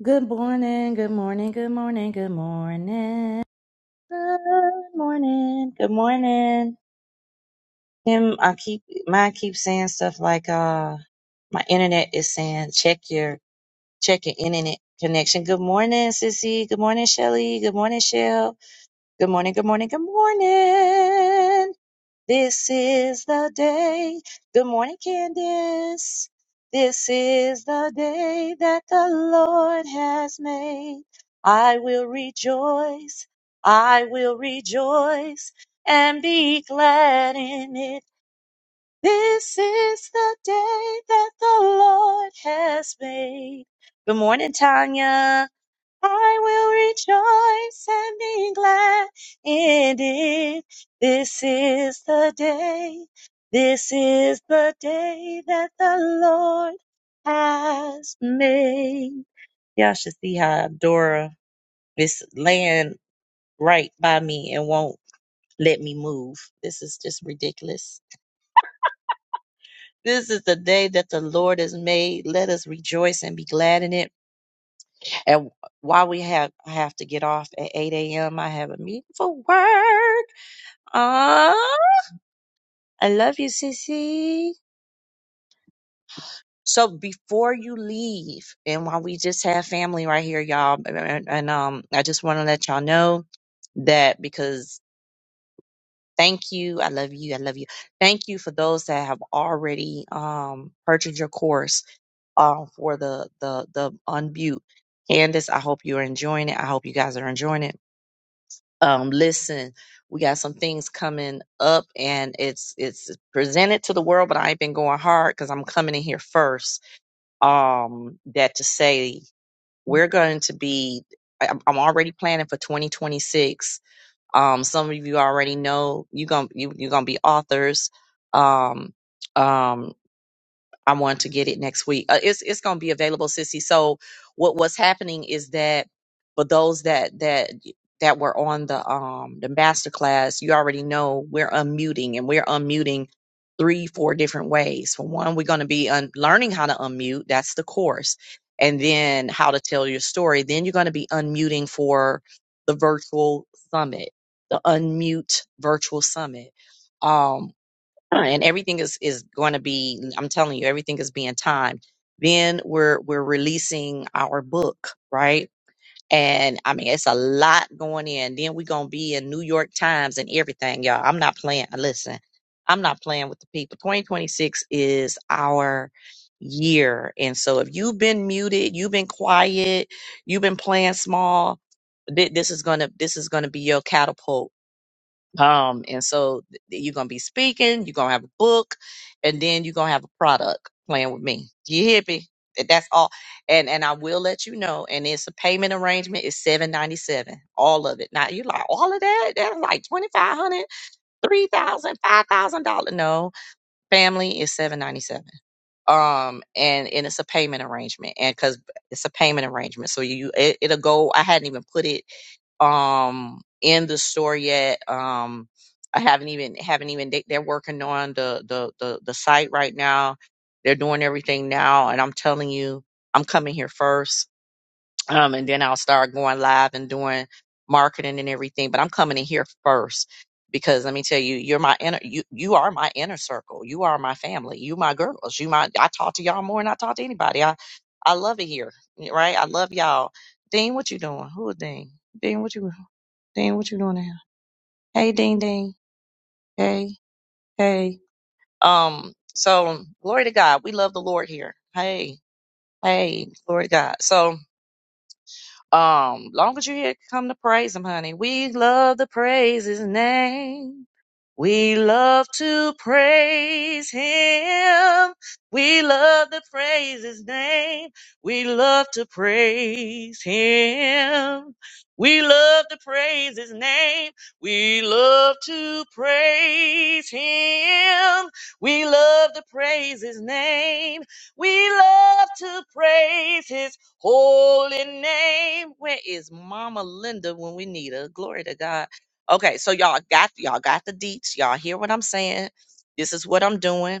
Good morning, good morning, good morning, good morning. Good morning, good morning. Him, I keep mine keep saying stuff like uh my internet is saying check your check your internet connection. Good morning, Sissy. Good morning, Shelly. Good morning, Shell. Good morning, good morning, good morning. This is the day. Good morning, Candace. This is the day that the Lord has made. I will rejoice. I will rejoice and be glad in it. This is the day that the Lord has made. Good morning, Tanya. I will rejoice and be glad in it. This is the day. This is the day that the Lord has made. Y'all should see how Dora is laying right by me and won't let me move. This is just ridiculous. This is the day that the Lord has made. Let us rejoice and be glad in it. And while we have I have to get off at 8 a.m., I have a meeting for work. Ah, I love you, Sissy. So before you leave, and while we just have family right here, y'all, and, and, and, um, I just want to let y'all know that because thank you, I love you, I love you. Thank you for those that have already um purchased your course um for the the the unmute. Candace, I hope you are enjoying it. I hope you guys are enjoying it. um, listen, we got some things coming up and it's it's presented to the world, but I ain't been going hard because I'm coming in here first. Um, that to say we're going to be I- I'm I'm already planning for 2026. Um, some of you already know you're gonna you, going to you gonna be authors. Um, um, I want to get it next week. Uh, it's it's going to be available, sissy. So what what's happening is that for those that that that were on the um the master class, you already know we're unmuting and we're unmuting three four different ways. For one, we're going to be un- learning how to unmute. That's the course, and then how to tell your story. Then you're going to be unmuting for the virtual summit, the unmute virtual summit. Um, uh, and everything is is going to be i'm telling you everything is being timed then we're we're releasing our book right and i mean it's a lot going in then we're going to be in new york times and everything y'all i'm not playing listen i'm not playing with the people 2026 is our year and so if you've been muted you've been quiet you've been playing small thi- this is going to this is going to be your catapult um, and so th- you're gonna be speaking, you're gonna have a book, and then you're gonna have a product playing with me. You hear me? Th- That's all. And and I will let you know. And it's a payment arrangement, it's seven ninety seven. All of it. Now you like all of that? That's like twenty five hundred, three thousand, five thousand dollars. No, family is seven ninety seven um and and it's a payment arrangement and because it's a payment arrangement so you it, it'll go i hadn't even put it um in the store yet um i haven't even haven't even they, they're working on the, the the the site right now they're doing everything now and i'm telling you i'm coming here first um, and then I'll start going live and doing marketing and everything. But I'm coming in here first because let me tell you, you're my inner, you you are my inner circle. You are my family. You my girls. You my. I talk to y'all more than I talk to anybody. I I love it here, right? I love y'all. Dean, what you doing? Who is Dean? Dean, what you Dean, what you doing now? Hey, Dean, Dean. Hey, hey. Um. So glory to God. We love the Lord here. Hey, hey. Glory to God. So Um, long as you're here, come to praise him, honey. We love to praise his name. We love to praise him. We love to praise his name. We love to praise him. We love to praise his name. We love to praise him. We love to praise his name. We love to praise his holy name. Where is Mama Linda when we need her? Glory to God. Okay, so y'all got y'all got the deets. Y'all hear what I'm saying? This is what I'm doing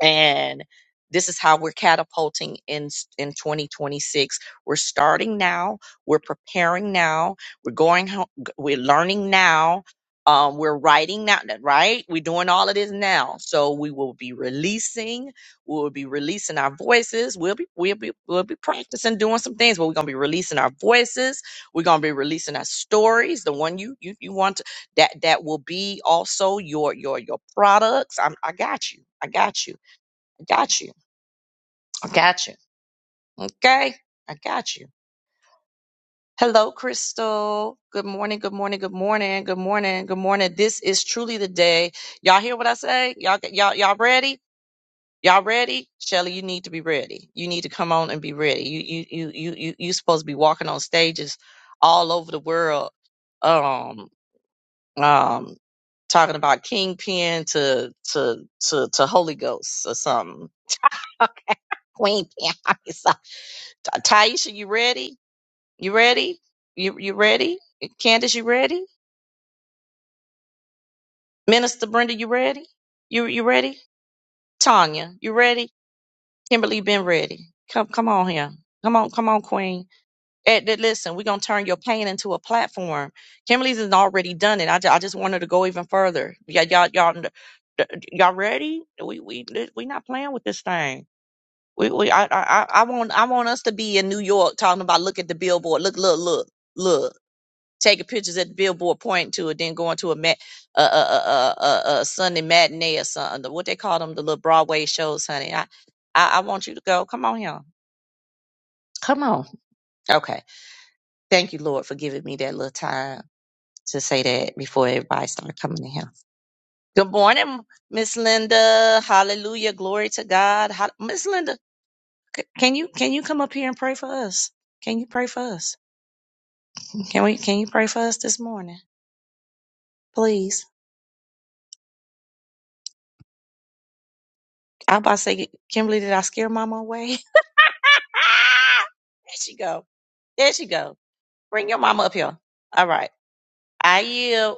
and this is how we're catapulting in in 2026 we're starting now we're preparing now we're going ho- we're learning now um, we're writing now right we're doing all of this now so we will be releasing we will be releasing our voices we'll be we'll be we'll be practicing doing some things but we're going to be releasing our voices we're going to be releasing our stories the one you you, you want to that that will be also your your your products I'm, i got you i got you I got you. I got you. Okay. I got you. Hello, Crystal. Good morning. Good morning. Good morning. Good morning. Good morning. This is truly the day. Y'all hear what I say? Y'all, y'all, y'all ready? Y'all ready? Shelly, you need to be ready. You need to come on and be ready. You, you, you, you, you, you supposed to be walking on stages all over the world. Um, um, talking about kingpin to, to, to, to Holy Ghost or something. Queen Pin. Taisha, you ready? You ready? You you ready? Candace, you ready? Minister Brenda, you ready? You you ready? Tanya, you ready? Kimberly been ready. Come come on here. Come on, come on, Queen. Eh, eh, listen, we're gonna turn your pain into a platform. Kimberly's has already done it. I, ju- I just wanted to go even further. Yeah, y'all y'all y'all y'all ready? We we we not playing with this thing. We we I I I I want I want us to be in New York talking about look at the billboard. Look look look look. taking pictures at the billboard pointing to it, then going to a mat, a, a, a, a, a Sunday matinee or something. What they call them, the little Broadway shows, honey. I, I, I want you to go. Come on here. Come on. Okay. Thank you, Lord, for giving me that little time to say that before everybody started coming in here. Good morning, Miss Linda. Hallelujah. Glory to God. Hall- Miss Linda, c- can you can you come up here and pray for us? Can you pray for us? Can we can you pray for us this morning? Please. I about to say, Kimberly, did I scare mama away? There she go. There she go. Bring your mama up here. All right. I yield.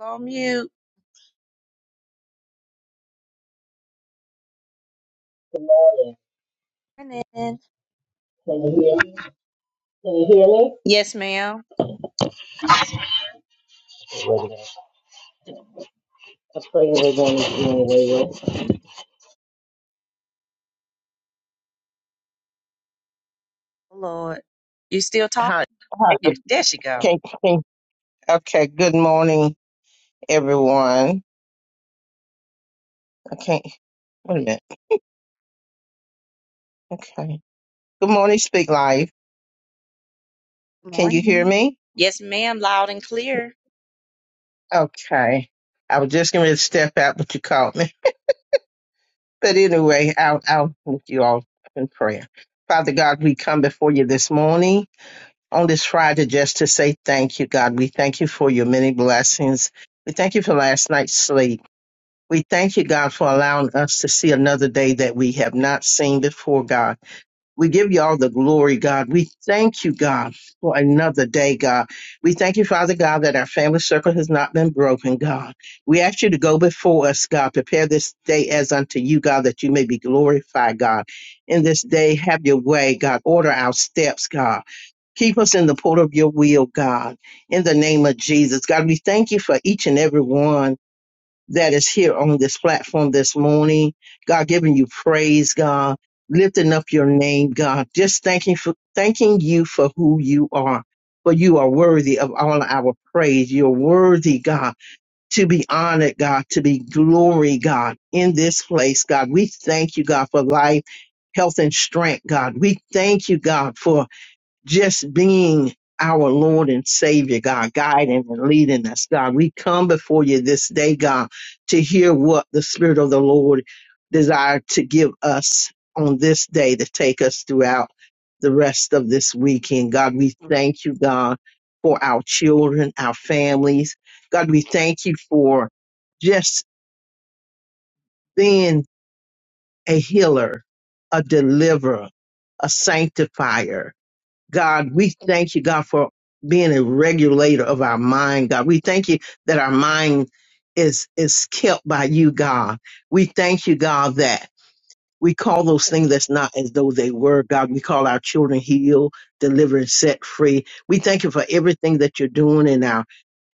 On mute. Good morning. Morning. Can you hear me? Can you hear me? Yes, ma'am. We're I pray we're going to be anyway. Lord. You still talking? Hi. Hi. There there she go. Okay. Okay. Okay, Good morning, everyone. Okay. Wait a minute. Okay. Good morning, Speak Life. Can you hear Morning. me? Yes, ma'am. Loud and clear. Okay. I was just going to step out, but you called me. But anyway, I'll, I'll with you all in prayer. Father God, we come before you this morning on this Friday just to say thank you, God. We thank you for your many blessings. We thank you for last night's sleep. We thank you, God, for allowing us to see another day that we have not seen before, God. We give you all the glory, God. We thank you, God, for another day, God. We thank you, Father God, that our family circle has not been broken, God. We ask you to go before us, God. Prepare this day as unto you, God, that you may be glorified, God. In this day, have your way, God. Order our steps, God. Keep us in the port of your will, God. In the name of Jesus, God, we thank you for each and every one that is here on this platform this morning. God, giving you praise, God, lifting up your name, God, just thanking for thanking you for who you are. For you are worthy of all our praise. You're worthy, God, to be honored, God, to be glory, God, in this place, God. We thank you, God, for life, health, and strength, God. We thank you, God, for just being our Lord and Savior, God, guiding and leading us, God. We come before you this day, God, to hear what the Spirit of the Lord desired to give us on this day to take us throughout the rest of this weekend. God, we thank you, God, for our children, our families. God, we thank you for just being a healer, a deliverer, a sanctifier. God, we thank you, God, for being a regulator of our mind, God. We thank you that our mind is is kept by you, God. We thank you, God, that we call those things that's not as though they were, God. We call our children healed, delivered, set free. We thank you for everything that you're doing in our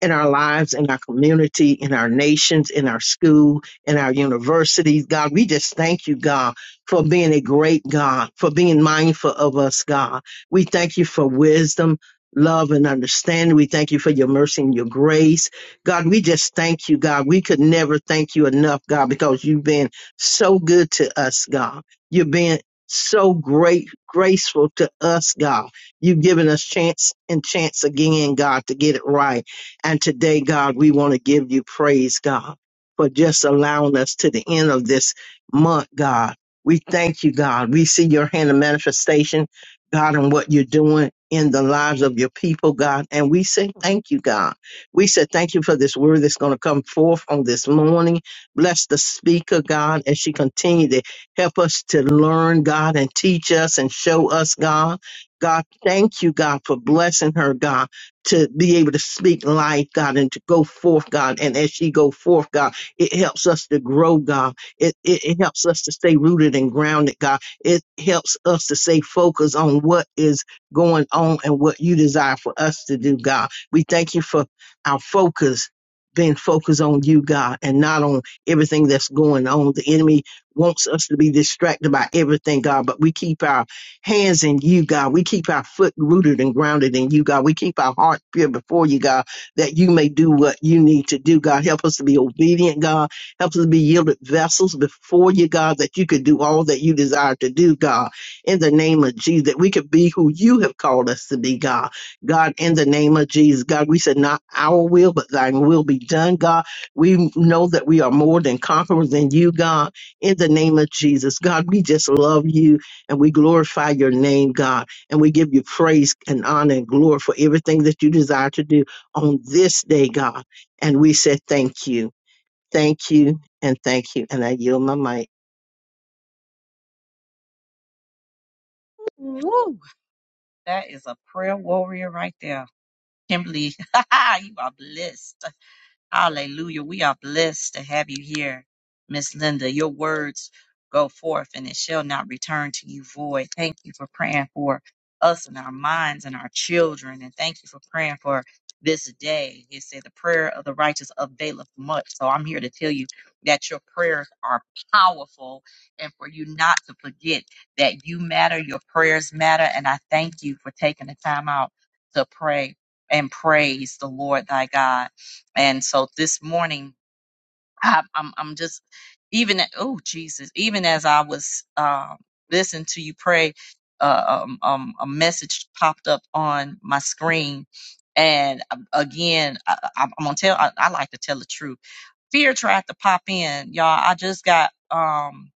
in our lives, in our community, in our nations, in our school, in our universities. God, we just thank you, God, for being a great God, for being mindful of us, God. We thank you for wisdom, love, and understanding. We thank you for your mercy and your grace. God, we just thank you, God. We could never thank you enough, God, because you've been so good to us, God. You've been so great, graceful to us, God. You've given us chance and chance again, God, to get it right. And today, God, we want to give you praise, God, for just allowing us to the end of this month, God. We thank you, God. We see your hand of manifestation, God, and what you're doing in the lives of your people, God. And we say thank you, God. We said thank you for this word that's going to come forth on this morning. Bless the speaker, God, as she continue to help us to learn, God, and teach us and show us, God. God, thank you, God, for blessing her, God, to be able to speak life, God, and to go forth, God. And as she go forth, God, it helps us to grow, God. It, it, it helps us to stay rooted and grounded, God. It helps us to stay focused on what is going on and what you desire for us to do, God. We thank you for our focus being focused on you, God, and not on everything that's going on. The enemy wants us to be distracted by everything, God, but we keep our hands in you, God. We keep our foot rooted and grounded in you, God. We keep our heart pure before you, God, that you may do what you need to do, God. Help us to be obedient, God. Help us to be yielded vessels before you, God, that you could do all that you desire to do, God. In the name of Jesus, that we could be who you have called us to be, God. God, in the name of Jesus, God, we said, not our will, but thine will be done, God. We know that we are more than conquerors in you, God, in the name of Jesus. God, we just love you and we glorify your name, God, and we give you praise and honor and glory for everything that you desire to do on this day, God. And we say thank you, thank you, and thank you. And I yield my mic. Woo. That is a prayer warrior right there. Kimberly, you are blessed. Hallelujah. We are blessed to have you here, Miss Linda. Your words go forth and it shall not return to you void. Thank you for praying for us and our minds and our children. And thank you for praying for this day. It said the prayer of the righteous availeth much. So I'm here to tell you that your prayers are powerful and for you not to forget that you matter, your prayers matter. And I thank you for taking the time out to pray and praise the Lord thy God. And so this morning, I, I'm I'm just even oh Jesus, even as I was uh, listening to you pray, uh, um, um, a message popped up on my screen. And um, again, I, I- I'm gonna tell. I, I like to tell the truth. Fear tried to pop in, y'all. I just got um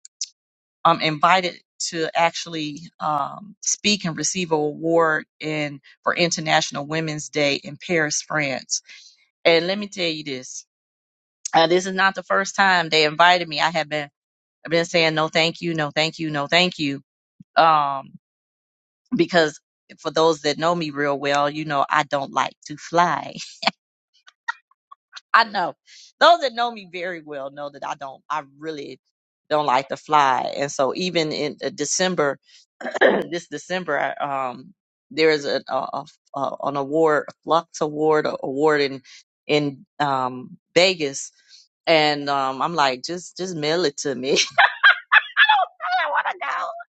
um invited to actually um speak and receive an award in for International Women's Day in Paris, France. And let me tell you this. Uh, this is not the first time they invited me. I have been I've been saying no, thank you, no, thank you, no, thank you, um, because for those that know me real well, you know I don't like to fly. I know those that know me very well know that I don't. I really don't like to fly, and so even in uh, December, this December, I, um, there is a, a, a, a an award, a Flux Award a- award in in um, Vegas and um, I'm like, just just mail it to me. I don't want to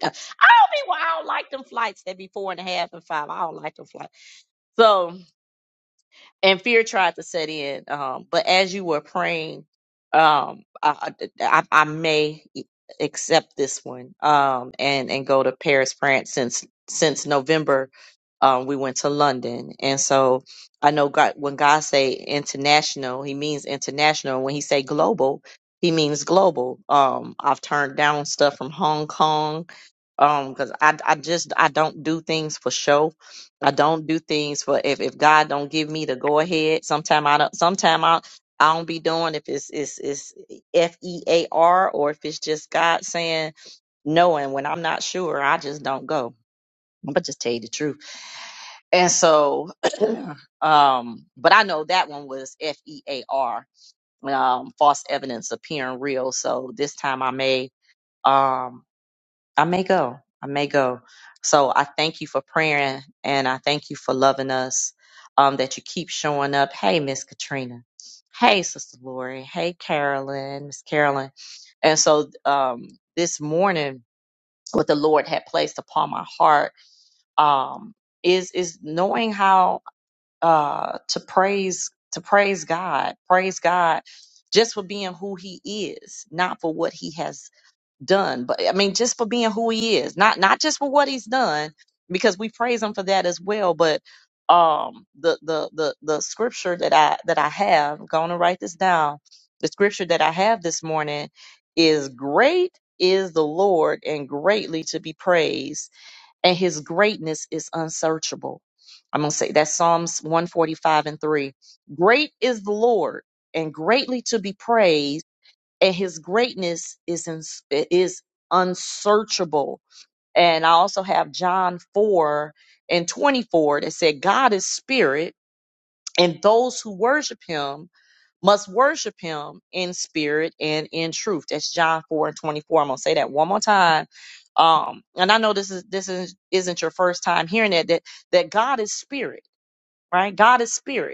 go. I don't be. why I don't like them flights that be four and a half and five. I don't like them flights. So, and fear tried to set in. Um, but as you were praying, um, I, I, I may e, accept this one. Um, and and go to Paris, France, since since November. Um, we went to London, and so I know God. When God say international, He means international. When He say global, He means global. Um, I've turned down stuff from Hong Kong um because I, I just i don't do things for show i don't do things for if, if god don't give me the go ahead sometime i don't sometime i i don't be doing if it's it's it's f-e-a-r or if it's just god saying no and when i'm not sure i just don't go i'm gonna just tell you the truth and so um but i know that one was f-e-a-r um false evidence appearing real so this time i may. um I may go. I may go. So I thank you for praying and I thank you for loving us. Um, that you keep showing up. Hey, Miss Katrina. Hey, Sister Lori. Hey, Carolyn, Miss Carolyn. And so um this morning, what the Lord had placed upon my heart um is is knowing how uh to praise to praise God, praise God just for being who he is, not for what he has done. But I mean, just for being who he is, not not just for what he's done, because we praise him for that as well. But um, the the the the scripture that I that I have, I'm going to write this down. The scripture that I have this morning is great is the Lord and greatly to be praised, and His greatness is unsearchable. I'm gonna say that's Psalms 145 and three. Great is the Lord and greatly to be praised and his greatness is in, is unsearchable. And I also have John 4 and 24 that said, God is spirit, and those who worship him must worship him in spirit and in truth. That's John 4 and 24. I'm gonna say that one more time. Um, and I know this is this is isn't your first time hearing that that that God is spirit, right? God is spirit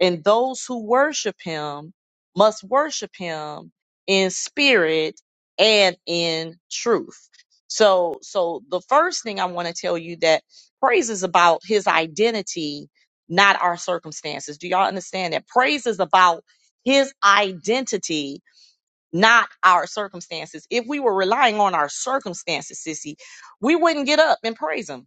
and those who worship him must worship him in spirit and in truth. So, so the first thing I want to tell you that praise is about his identity, not our circumstances. Do y'all understand that? Praise is about his identity, not our circumstances. If we were relying on our circumstances, sissy, we wouldn't get up and praise him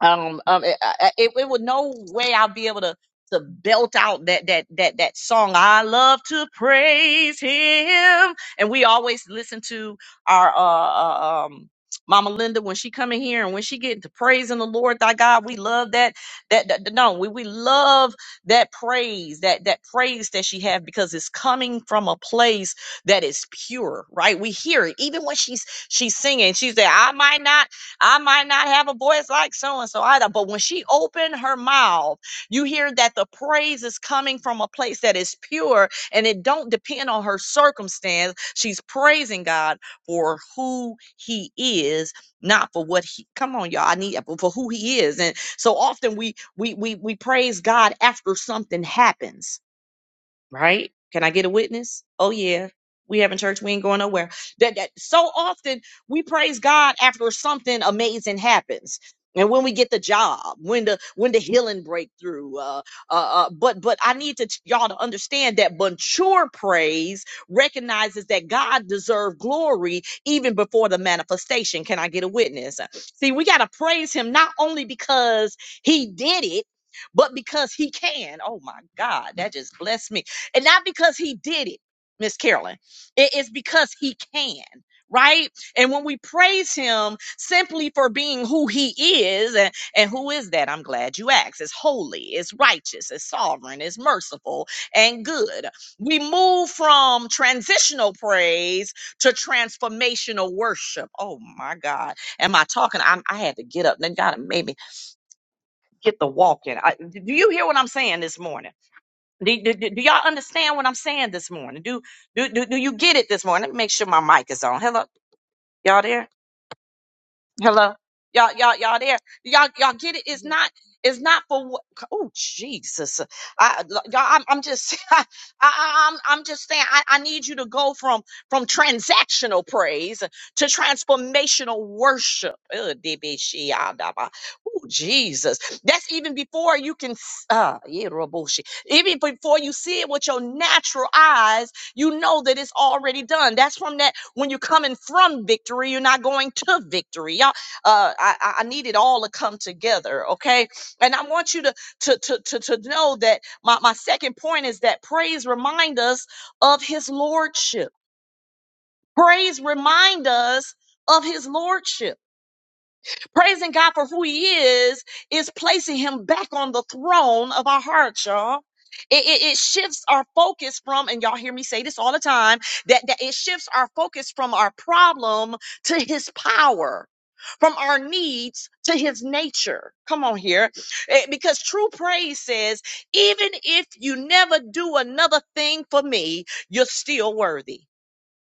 um, um it, I- it, it would no way I'll be able to to belt out that that that that song. I love to praise him, and we always listen to our uh, uh um. Mama Linda, when she come in here and when she get to praising the Lord thy God, we love that. That, that no, we, we love that praise, that that praise that she have because it's coming from a place that is pure, right? We hear it even when she's she's singing. She's there. I might not. I might not have a voice like so and so either, but when she opened her mouth, you hear that the praise is coming from a place that is pure and it don't depend on her circumstance. She's praising God for who he is, not for what he come on, y'all. I need for who he is. And so often we we we we praise God after something happens right? Can I get a witness? Oh yeah. We having church, we ain't going nowhere. That, that so often we praise God after something amazing happens. And when we get the job, when the when the healing breakthrough, uh, uh, uh, but but I need to t- y'all to understand that mature praise recognizes that God deserves glory even before the manifestation. Can I get a witness? See, we gotta praise Him not only because He did it, but because He can. Oh my God, that just blessed me and not because he did it, Miss Carolyn. It is because he can, right? And when we praise him simply for being who he is, and, and who is that? I'm glad you asked. It's holy, it's righteous, it's sovereign, it's merciful, and good. We move from transitional praise to transformational worship. Oh my God. Am I talking? I'm, I had to get up. Then God made me get the walking. I, do you hear what I'm saying this morning? Do, do, do do y'all understand what I'm saying this morning? Do, do do do you get it this morning? Let me make sure my mic is on. Hello, y'all there? Hello, y'all, y'all, y'all there? Y'all, y'all get it? It's not, it's not for what? Oh Jesus! I, y'all, I'm, I'm just, I, I, I'm, I'm just saying. I, I need you to go from from transactional praise to transformational worship. Oh Jesus! That's even before you can, s- uh, yeah, Raboshi. even before you see it with your natural eyes. You know that it's already done. That's from that when you're coming from victory, you're not going to victory. y'all. Uh, I, I need it all to come together, okay? And I want you to to to to, to know that my, my second point is that praise remind us of his lordship. Praise remind us of his lordship Praising God for who He is is placing Him back on the throne of our hearts, y'all. It, it, it shifts our focus from, and y'all hear me say this all the time, that, that it shifts our focus from our problem to His power. From our needs to his nature. Come on here. Eh, Because true praise says, even if you never do another thing for me, you're still worthy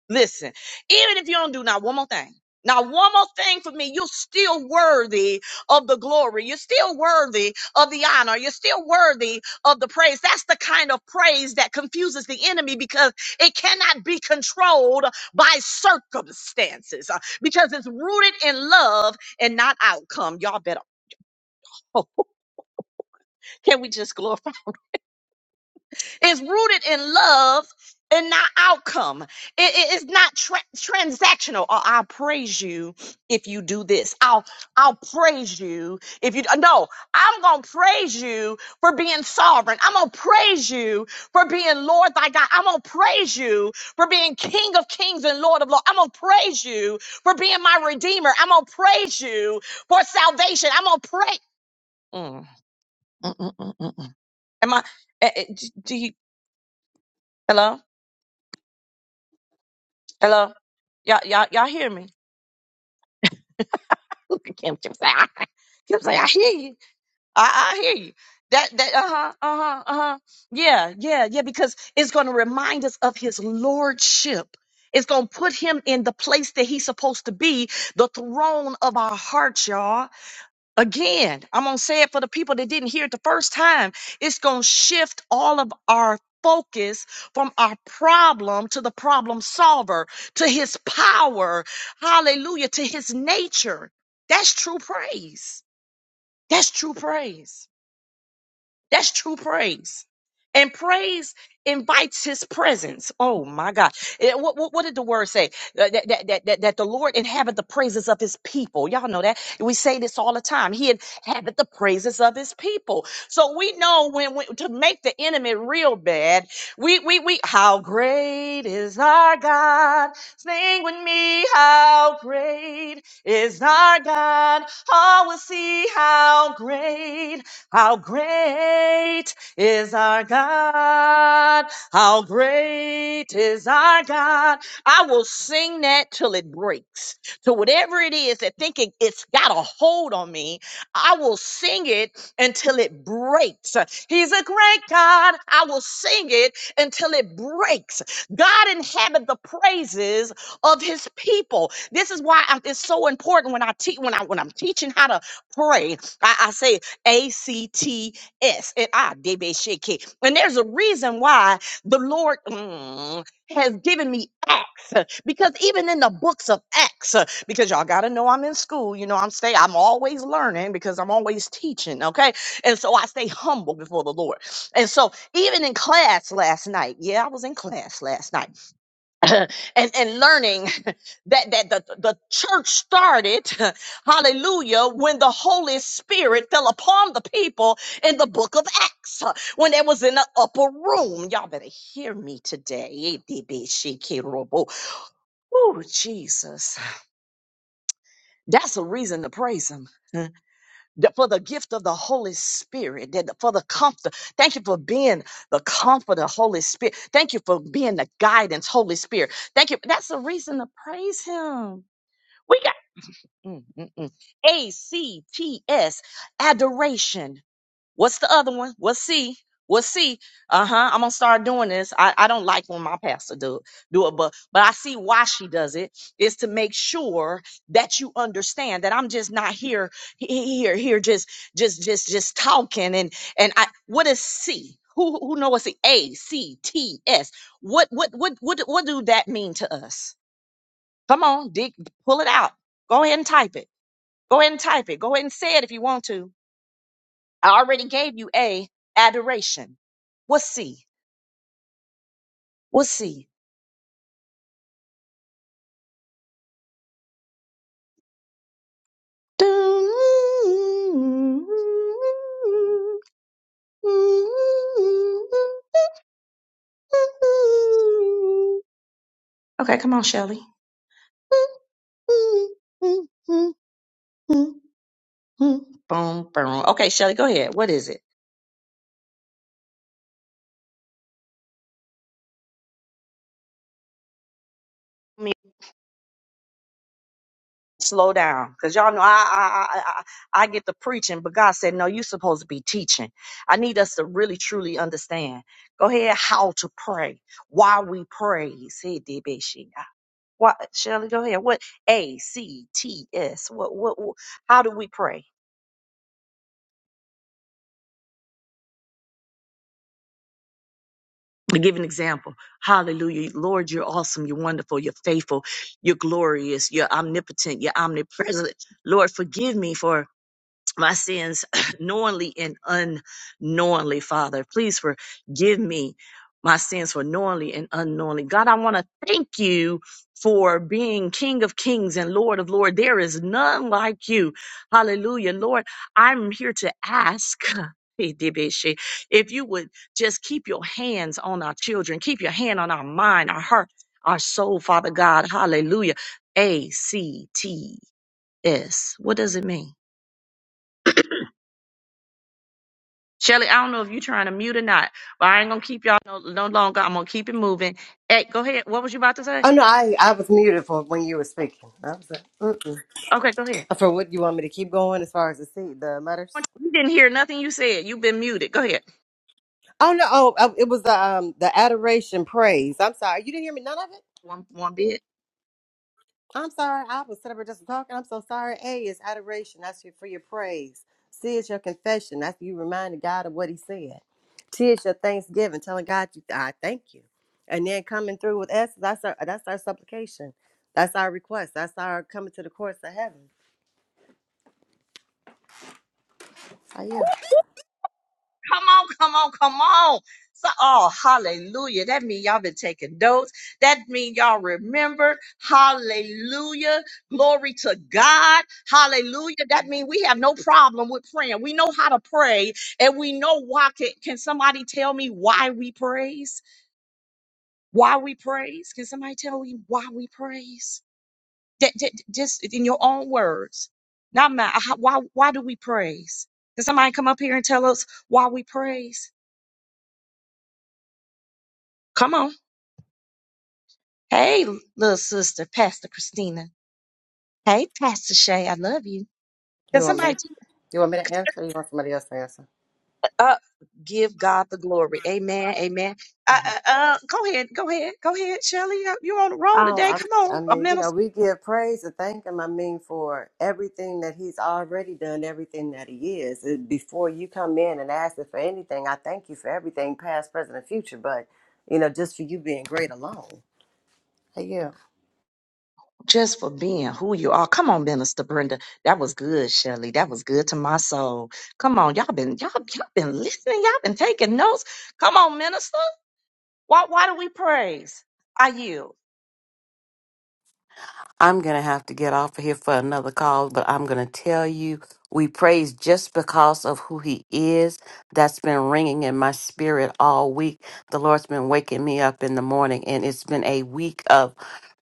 Listen, even if you don't do not one more thing, not one more thing for me, you're still worthy of the glory. You're still worthy of the honor. You're still worthy of the praise. That's the kind of praise that confuses the enemy because it cannot be controlled by circumstances uh, because it's rooted in love and not outcome. Y'all better. Oh, can we just glorify? It's rooted in love and not outcome. It- it- it's not tra- transactional. Oh, I'll praise you if you do this. I'll I'll praise you if you no. I'm gonna praise you for being sovereign. I'm gonna praise you for being Lord thy God. I'm gonna praise you for being King of Kings and Lord of Lords. I'm gonna praise you for being my Redeemer. I'm gonna praise you for salvation. I'm gonna pray. Mm, mm, mm, mm, mm, mm. Am I? eh, eh, Do you? Hello. Hello. Y'all, y'all, y'all hear me? Kim, Kim say, I, Kim say, I hear you. I, I hear you. That, that, uh huh, uh huh, uh huh. Yeah, yeah, yeah. Because it's going to remind us of His lordship. It's going to put Him in the place that He's supposed to be, the throne of our hearts, y'all. Again, I'm going to say it for the people that didn't hear it the first time. It's going to shift all of our focus from our problem to the problem solver, to his power. Hallelujah. To his nature. That's true praise. That's true praise. That's true praise. And praise invites his presence. Oh my God. Eh, What, what, what did the word say? That, that, that, that, that that the Lord inhabit the praises of his people. Y'all know that. We say this all the time. He inhabit the praises of his people. So we know when, we, to make the enemy real bad, we, we, we, how great is our God. Sing with me, how great is our God. Oh, we'll see how great how great is our God? How great is our God? I will sing that till it breaks. So whatever it is that thinking it's got a hold on me, I will sing it until it breaks. He's a great God. I will sing it until it breaks. God inhabits the praises of his people. This is why I- it's so important when I teach when I when I'm teaching how to pray. I, I say a C T S. And I debe shake. And there's a reason why the Lord mm, has given me acts. uh, Because even in the books of Acts, uh, because y'all gotta know I'm in school, you know, I'm stay, I'm always learning because I'm always teaching, okay? And so I stay humble before the Lord. And so even in class last night, yeah, I was in class last night. and and learning that that the, the church started hallelujah when the holy spirit fell upon the people in the book of acts when they was in the upper room y'all better hear me today oh jesus that's a reason to praise him th- for the gift of the Holy Spirit, that for the comfort. Thank you for being the comforter, Holy Spirit. Thank you for being the guidance, Holy Spirit. Thank you. That's a reason to praise Him. We got mm, mm, mm. A C T S adoration. What's the other one? What's C? What's C? Uh huh. I'm gonna start doing this. I, I don't like when my pastor do do it, but but I see why she does it. Is to make sure that you understand that I'm just not here he- he- here here just just just just talking and and I what is C? Who who know what's the A C T S? What what what what what do that mean to us? Come on, dig, pull it out. Go ahead and type it. Go ahead and type it. Go ahead and say it if you want to. I already gave you A, adoration. What's C? What's C? Okay, come on, Shelly. Boom, boom. Okay, Shelly, go ahead. What is it? slow down because y'all know I, I i i I get the preaching but god said no you supposed to be teaching i need us to really truly understand go ahead how to pray why we praise hey Debeshia. why shelly go ahead what a c t s what, what what how do we pray to give an example hallelujah lord you're awesome you're wonderful you're faithful you're glorious you're omnipotent you're omnipresent lord forgive me for my sins knowingly and unknowingly, Father. Please forgive me my sins for knowingly and unknowingly. God, I want to thank you for being King of Kings and Lord of Lords. There is none like you. Hallelujah. Lord, I'm here to ask. If you would just keep your hands on our children, keep your hand on our mind, our heart, our soul, Father God. Hallelujah. A C T S. What does it mean? Shelly, I don't know if you're trying to mute or not, but I ain't gonna keep y'all no, no longer. I'm gonna keep it moving. Hey, go ahead. What was you about to say? Oh no, I I was muted for when you were speaking. I was like, Mm-mm. Okay, go ahead. for what you want me to keep going as far as the see the letters? You didn't hear nothing you said. You've been muted. Go ahead. Oh no, oh uh, it was the um the adoration praise. I'm sorry, you didn't hear me none of it. One one bit. I'm sorry, I was sitting up here just talking. I'm so sorry. A is adoration. That's your for your praise. C is your confession. That's you reminding God of what He said. T is your thanksgiving, telling God you I thank you, and then coming through with S. That's our that's our supplication. That's our request. That's our coming to the courts of heaven. So yeah. Come on, come on, come on. So, oh, hallelujah. That mean y'all been taking notes. That mean y'all remembered. Hallelujah. Glory to God. Hallelujah. That mean we have no problem with praying. We know how to pray and we know why. Can, can somebody tell me why we praise? Why we praise? Can somebody tell me why we praise? J- j- Just in your own words, not mine. How- Why? Why do we praise? Can somebody come up here and tell us why we praise? Come on. Hey, little sister, Pastor Christina. Hey, Pastor Shay, I love you. Can You want me to somebody t- You want me to answer or you want somebody else to answer? uh, give God the glory? Amen. Amen. Uh, Mhm. uh, uh, go ahead. Go ahead. Go ahead, Shelly. You're on the roll Oh, today. I, Come I on, a mean, you minister. know, we give praise and thank Him. I mean, for everything that He's already done, everything that He is. It- Before you come in and ask Him for anything, I thank you for everything, past, present, and future. But you know, just for you being great alone. Hey, you. just for being who you are. Come on, Minister Brenda. That was good, Shelley. That was good to my soul. Come on, y'all been y'all y'all been listening. Y'all been taking notes. Come on, Minister. Why why do we praise? Are you? I'm going to have to get off of here for another call, but I'm going to tell you we praise just because of who he is. That's been ringing in my spirit all week. The Lord's been waking me up in the morning, and it's been a week of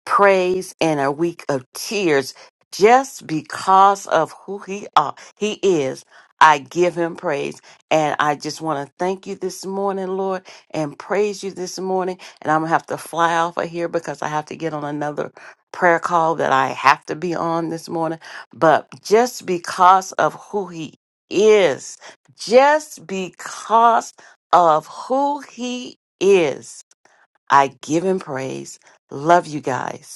praise and a week of tears just because of who he are, he is. I give him praise and I just want to thank you this morning, Lord, and praise you this morning. And I'm going to have to fly off of here because I have to get on another prayer call that I have to be on this morning, but just because of who he is, just because of who he is, I give him praise. Love you guys.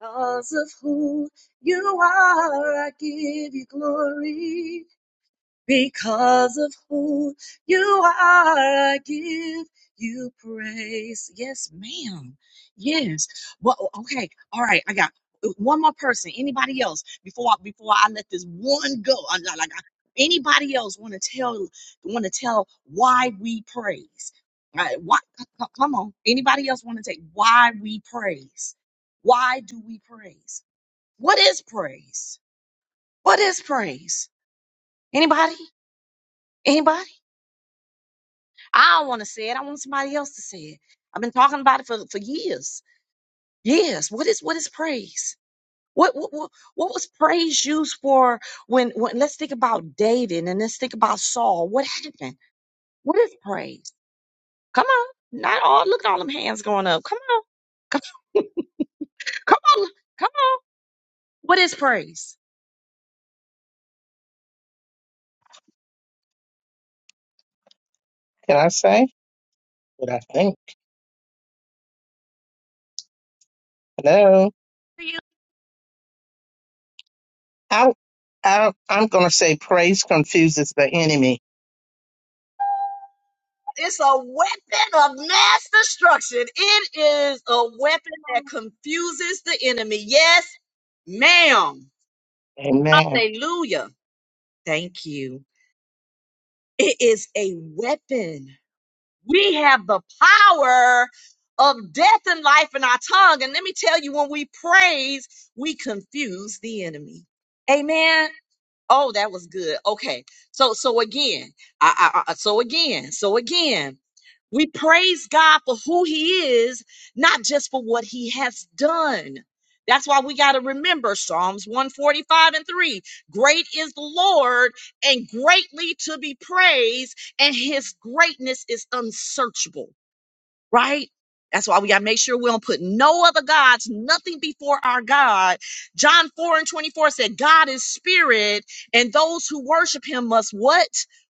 Because of who you are, I give you glory. Because of who you are, I give you praise. Yes, ma'am. Yes. Well, okay. All right. I got one more person. Anybody else before I, before I let this one go? I, I- like I, anybody else want to tell want to tell why we praise? All Right, why? c- c- Come on. Anybody else want to take why we praise? Why do we praise? What is praise? What is praise? Anybody? Anybody? I don't want to say it. I want somebody else to say it. I've been talking about it for, for years. Years. What is what is praise? What, what what what was praise used for when when let's think about David and let's think about Saul. What happened? What is praise? Come on. Not all look at all them hands going up. Come on. Come, come on. Come on. What is praise? Can I say what I think? Hello. I, I, I'm going to say praise confuses the enemy. It's a weapon of mass destruction. It is a weapon that confuses the enemy. Yes, ma'am. Amen. Hallelujah. Thank you. It is a weapon. We have the power of death and life in our tongue. And let me tell you, when we praise, we confuse the enemy. Amen. Oh, that was good. Okay. So so again, I, I, I so again, so again, we praise God for who he is, not just for what he has done. That's why we got to remember Psalms 145 and 3. Great is the Lord and greatly to be praised, and his greatness is unsearchable right? That's why we gotta make sure we don't put no other gods, nothing before our God. John 4 and 24 said, God is spirit, and those who worship him must what?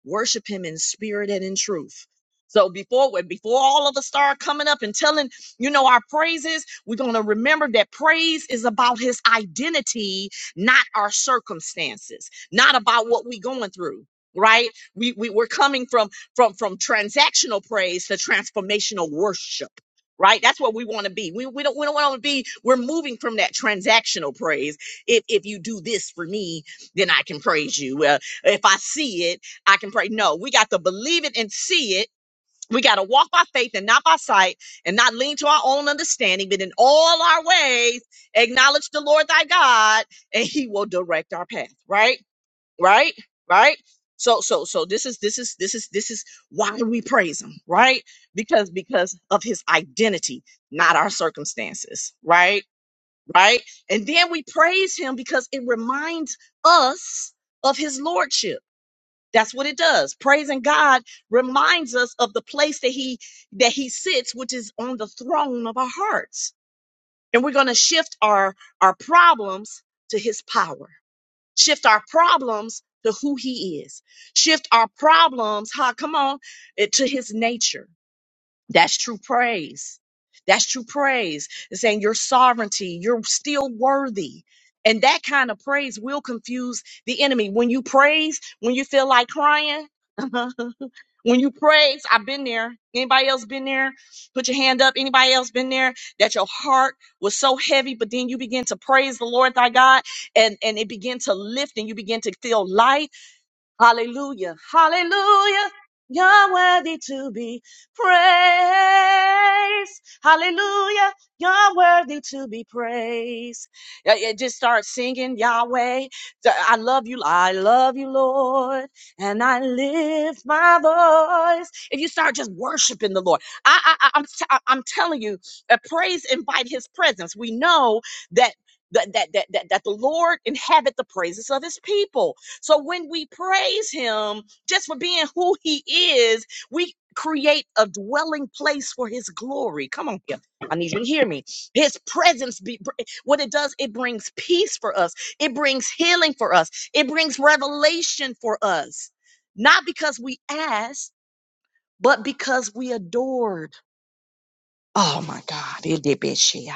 Worship him in spirit and in truth. So before when- before all of us start coming up and telling, you know, our praises, we're gonna remember that praise is about his identity, not our circumstances, not about what we're going through, right? We, we we're coming from from from transactional praise to transformational worship right that's what we want to be we, we don't we don't want to be we're moving from that transactional praise if if you do this for me then i can praise you uh, if i see it i can pray no we got to believe it and see it we got to walk by faith and not by sight and not lean to our own understanding but in all our ways acknowledge the lord thy god and he will direct our path right right right so so so this is this is this is this is why we praise him right because because of his identity not our circumstances right right and then we praise him because it reminds us of his lordship that's what it does praising god reminds us of the place that he that he sits which is on the throne of our hearts and we're going to shift our our problems to his power Shift our problems to who he is. Shift our problems, huh? Come on, eh, to his nature. That's true praise. That's true praise. It's saying your sovereignty, you're still worthy. And that kind of praise will confuse the enemy. When you praise, when you feel like crying, When you praise, I've been there. Anybody else been there? Put your hand up. Anybody else been there? That your heart was so heavy, but then you begin to praise the Lord thy God and, and it began to lift and you begin to feel light Hallelujah. Hallelujah. You're worthy to be praised. Hallelujah. You're worthy to be praised. Yeah, yeah, Just start singing Yahweh. Th- I love you. I love you, Lord. And I lift my voice. If you start just worshiping the Lord, I, I, I- I'm, t- I- I'm telling you, uh, praise invite his presence. We know that, that, that, that, that that the Lord inhabit the praises of his people. So when we praise him just for being who he is, we create a dwelling place for his glory. Come on here. I need you to hear me. His presence be br- what it does, it brings peace for us. It brings healing for us. It brings revelation for us. Not because we asked, but because we adored. Oh my God.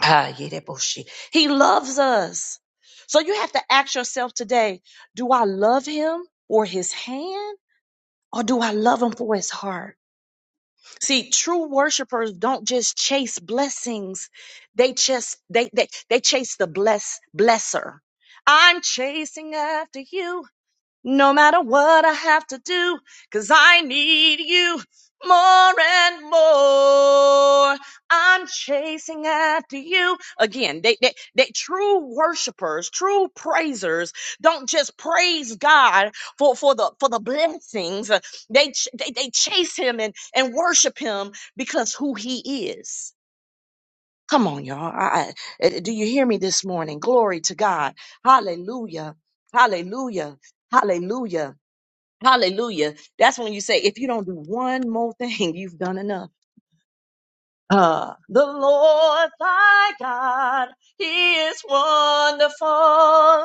Ah, Yereboshi. He loves us. So you have to ask yourself today, do I love him for his hand or do I love him for his heart? See, true worshipers don't just chase blessings. They just, they, they, they chase the bless, blesser. I'm chasing after you no matter what I have to do, 'cause I need you more and more. I'm chasing after you. Again, they, they, they true worshipers, true praisers don't just praise God for, for the, for the blessings. Uh, They, ch- they, they chase him and, and worship him because who he is. Come on, y'all. I, I- uh, do you hear me this morning? Glory to God. Hallelujah. Hallelujah. Hallelujah. Hallelujah. That's when you say, if you don't do one more thing, you've done enough. Uh, the Lord thy God, he is wonderful.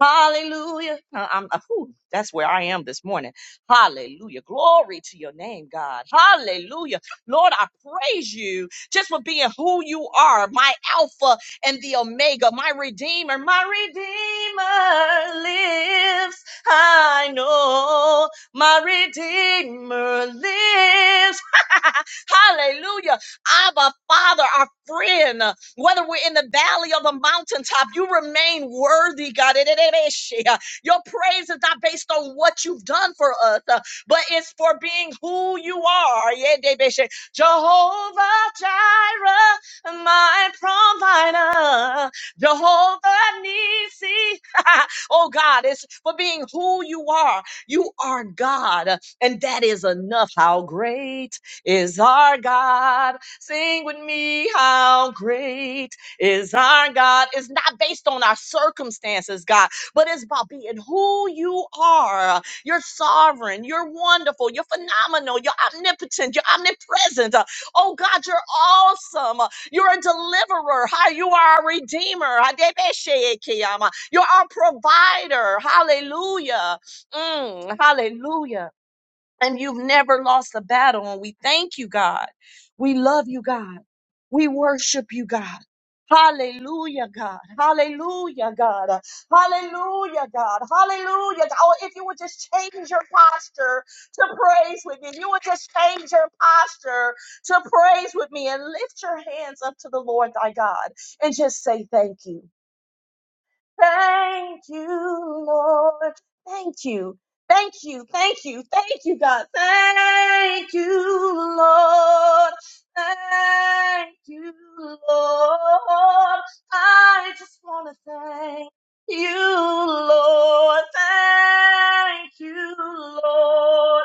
Hallelujah. Uh, I'm, uh, whew, that's where I am this morning. Hallelujah. Glory to your name, God. Hallelujah. Lord, I praise you just for being who you are, my Alpha and the Omega, my Redeemer. My Redeemer lives. I know my Redeemer lives. Hallelujah. Abba, Father, our friend. Whether we're in the valley or the mountaintop, you remain worthy, God. Your praise is not based on what you've done for us, uh, but it's for being who you are. Jehovah Jireh, my provider. Jehovah Nisi. oh God, it's for being who you are. You are God, and that is enough. How great is our God? Sing with me, how great is our God. It's not based on our circumstances, God, but it's about being who you are. You're sovereign, you're wonderful, you're phenomenal, you're omnipotent, you're omnipresent. Uh, Oh God, you're awesome. Uh, You're a deliverer. Hi, you are a redeemer. Hadebeshekeyama. You're our provider. Hallelujah. Mm, hallelujah and you've never lost a battle. And we thank you, God. We love you, God. We worship you, God. Hallelujah, God. Hallelujah, God. Hallelujah, God. Hallelujah. Oh, if you would just change your posture to praise with me, if you would just change your posture to praise with me and lift your hands up to the Lord thy God and just say thank you. Thank you, Lord. Thank you. Thank you. Thank you. Thank you, God. Thank you, Lord. Thank you, Lord. I just want to thank you, Lord. Thank you, Lord.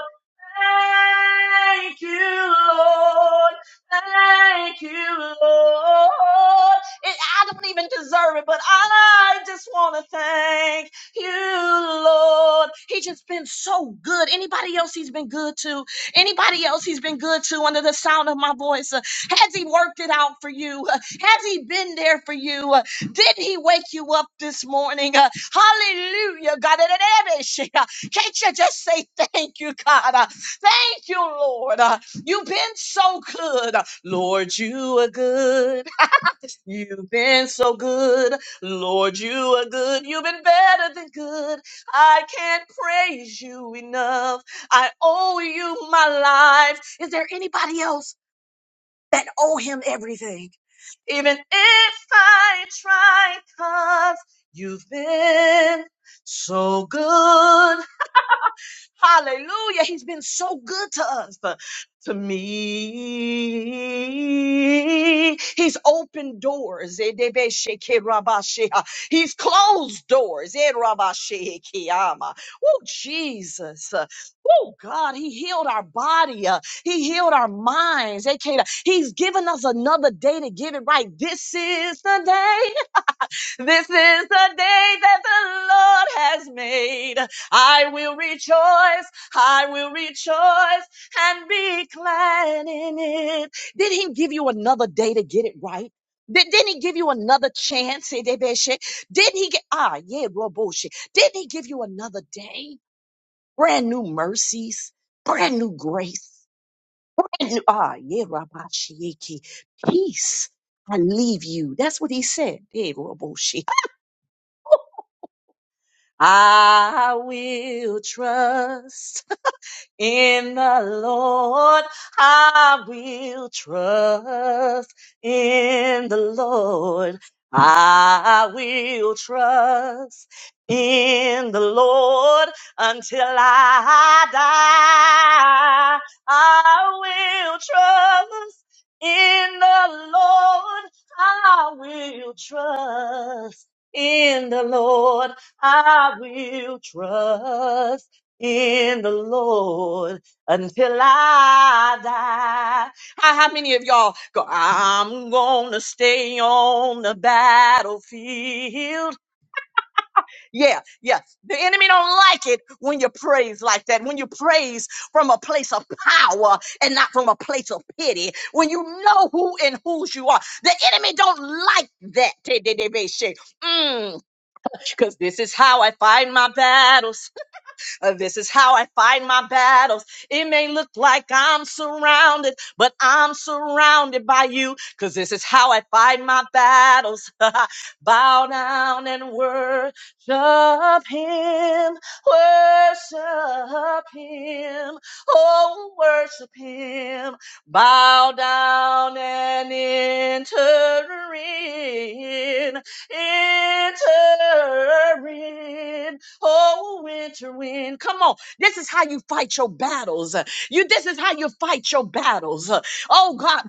Thank you, Lord. Thank you, Lord. It, I don't even deserve it, but I just want to thank you, Lord. He's just been so good. Anybody else he's been good to? Anybody else he's been good to under the sound of my voice? Uh, Has he worked it out for you? Uh, Has he been there for you? Uh, Didn't he wake you up this morning? Uh, Hallelujah, God. Can't you just say thank you, God? Thank you, Lord. Uh, You've been so good. Lord, you are good. You've been so good. Lord, you are good. You've been better than good. I can't praise you enough. I owe you my life. Is there anybody else that owe him everything? Even if I try, you you've been so good. Hallelujah. He's been so good to us. uh, To me, he's opened doors. He's closed doors. Oh, Jesus. Oh, God. He healed our body. Uh, He healed our minds. He's given us another day to get it right. This is the day. This is the day that the Lord has made. I will rejoice, I will rejoice and be glad in it. Did he give you another day to get it right? Did, didn't he give you another chance? Hey, Didn't he get, ah, yeah, real bullshit. Didn't he give you another day? Brand new mercies, brand new grace. And, ah, yeah, Rabbi Peace. I leave you. That's what he said. Hey, Roboshi. I will trust in the Lord I will trust. In the Lord I will trust. In the Lord until I die. I will trust. In the Lord I will trust. In the Lord I will trust in the Lord until I die. How, how many of y'all go, I'm gonna stay on the battlefield? Yeah, yeah. The enemy don't like it when you praise like that, when you praise from a place of power and not from a place of pity, when you know who and whose you are. The enemy don't like that. Because this is how I find my battles. Uh, This is how I fight my battles. It may look like I'm surrounded, but I'm surrounded by you because this is how I fight my battles. Bow down and worship him, worship him, oh, worship him. Bow down and enter in. Enter in, oh winter wind. Come on, this is how you fight your battles. Uh, You, this is how you fight your battles. Uh, Oh God,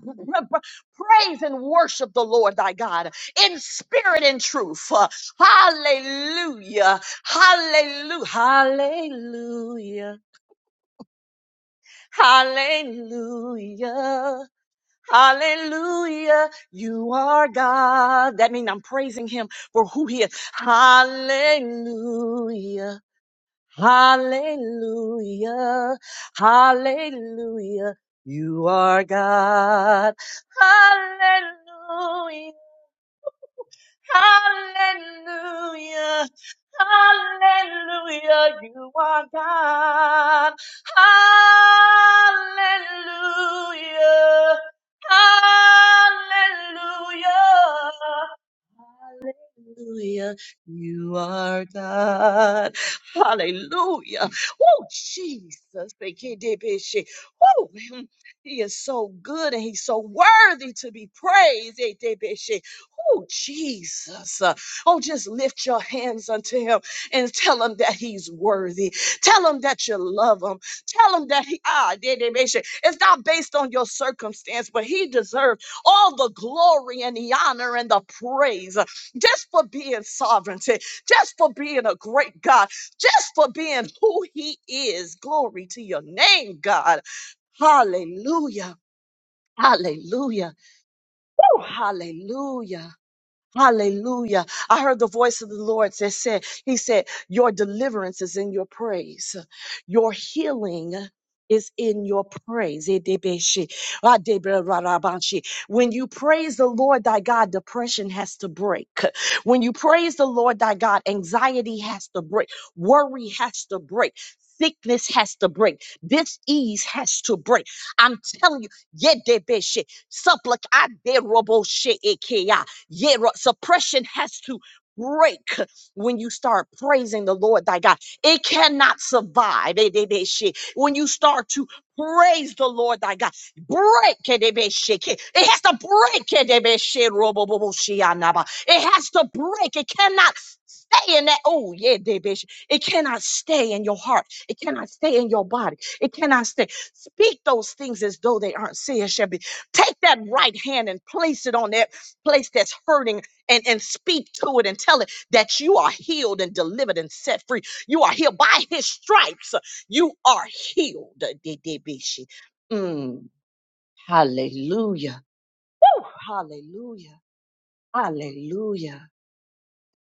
praise and worship the Lord thy God in spirit and truth. Uh, Hallelujah, hallelujah, hallelujah, hallelujah. Hallelujah. You are God. That means I'm praising him for who he is. Hallelujah. Hallelujah. Hallelujah. You are God. Hallelujah. Hallelujah. Hallelujah. You are God. Hallelujah. Hallelujah. Hallelujah. You are God. Hallelujah. Oh, Jesus. Bekidibbishi. Oh, he is so good and he's so worthy to be praised. Ekidibbishi. Oh, Jesus. Uh, Oh, just lift your hands unto him and tell him that he's worthy. Tell him that you love him. Tell him that he, ah, Ekidibbishi. it's not based on your circumstance, but he deserves all the glory and the honor and the praise just for being sovereignty, just for being a great God, just for being who He is. Glory to your name, God. Hallelujah. Hallelujah. Woo, Hallelujah. Hallelujah. I heard the voice of the Lord that said, He said, Your deliverance is in your praise, your healing is in your praise. Edebeshi, adeberarabanshi. When you praise the Lord thy God, depression has to break. When you praise the Lord thy God, anxiety has to break, worry has to break. Sickness has to break. Disease has to break. I'm telling you, yedebeshi, supplic- aderoboshe, ekeya. Yeah, ro- suppression has to break when you start praising the Lord thy God. It cannot survive. eh, they- they shit. When you start to praise the Lord thy God, break. eh, they be shit. It has to break. eh, they be shit, ro- bo- bo- bo- shi- ah, nah, bah. It has to break. It cannot stay in that. Oh, yeah, they be shit. It cannot stay in your heart. It cannot stay in your body. It cannot stay. Speak those things as though they aren't said, shall be. Take that right hand and place it on there place that's hurting and, and speak to it and tell it that you are healed and delivered and set free. You are healed by his stripes. You are healed. Mm, hallelujah. Woo, hallelujah. Hallelujah.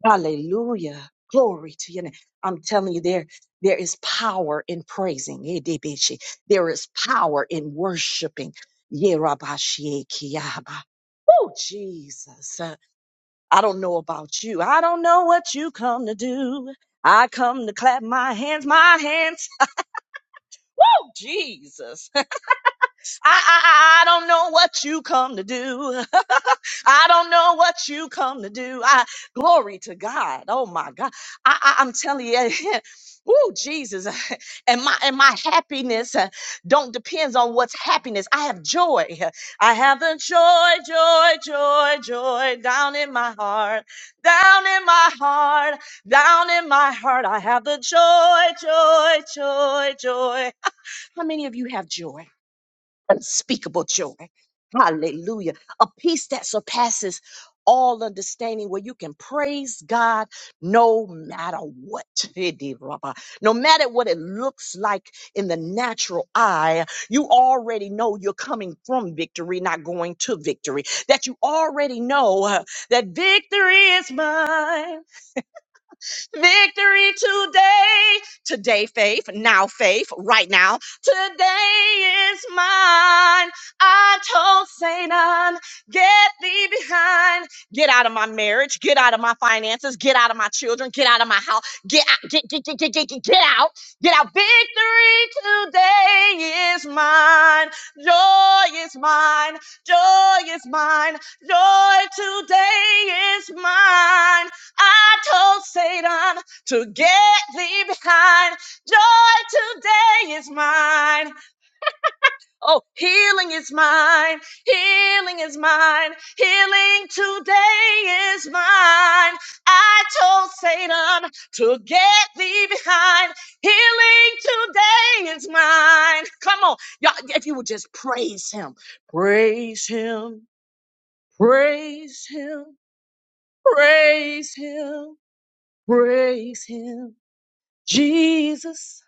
Hallelujah. Glory to your name. I'm telling you, there, there is power in praising. Idibishi. There is power in worshiping. Yerabashiekiaba. Oh, Jesus. I don't know about you. I don't know what you come to do. I come to clap my hands, my hands. Oh, Jesus. I, I, I I don't know what you come to do. I don't know what you come to do. I glory to God. Oh my God. I, I am telling you, woo, Jesus. And my and my happiness uh, don't depends on what's happiness. I have joy. I have the joy, joy, joy, joy down in my heart, down in my heart, down in my heart. I have the joy, joy, joy, joy. How many of you have joy? unspeakable joy. Hallelujah. A peace that surpasses all understanding, where you can praise God no matter what. Hidi raba. No matter what it looks like in the natural eye, you already know you're coming from victory, not going to victory. That you already know uh, that victory is mine. Victory today. Today, faith. Now, faith. Right now. Today is mine. I told Satan, get thee behind. Get out of my marriage. Get out of my finances. Get out of my children. Get out of my house. Get out. Get, get, get, get, get, get get out. Get out. Victory today is mine. Joy is mine. Joy is mine. Joy today is mine. I told Satan to get thee behind. Joy today is mine. Oh, healing is mine. Healing is mine. Healing today is mine. I told Satan to get thee behind. Healing today is mine. Come on. Y'all, if you would just praise him, praise him, praise him, praise him, praise him. Jesus,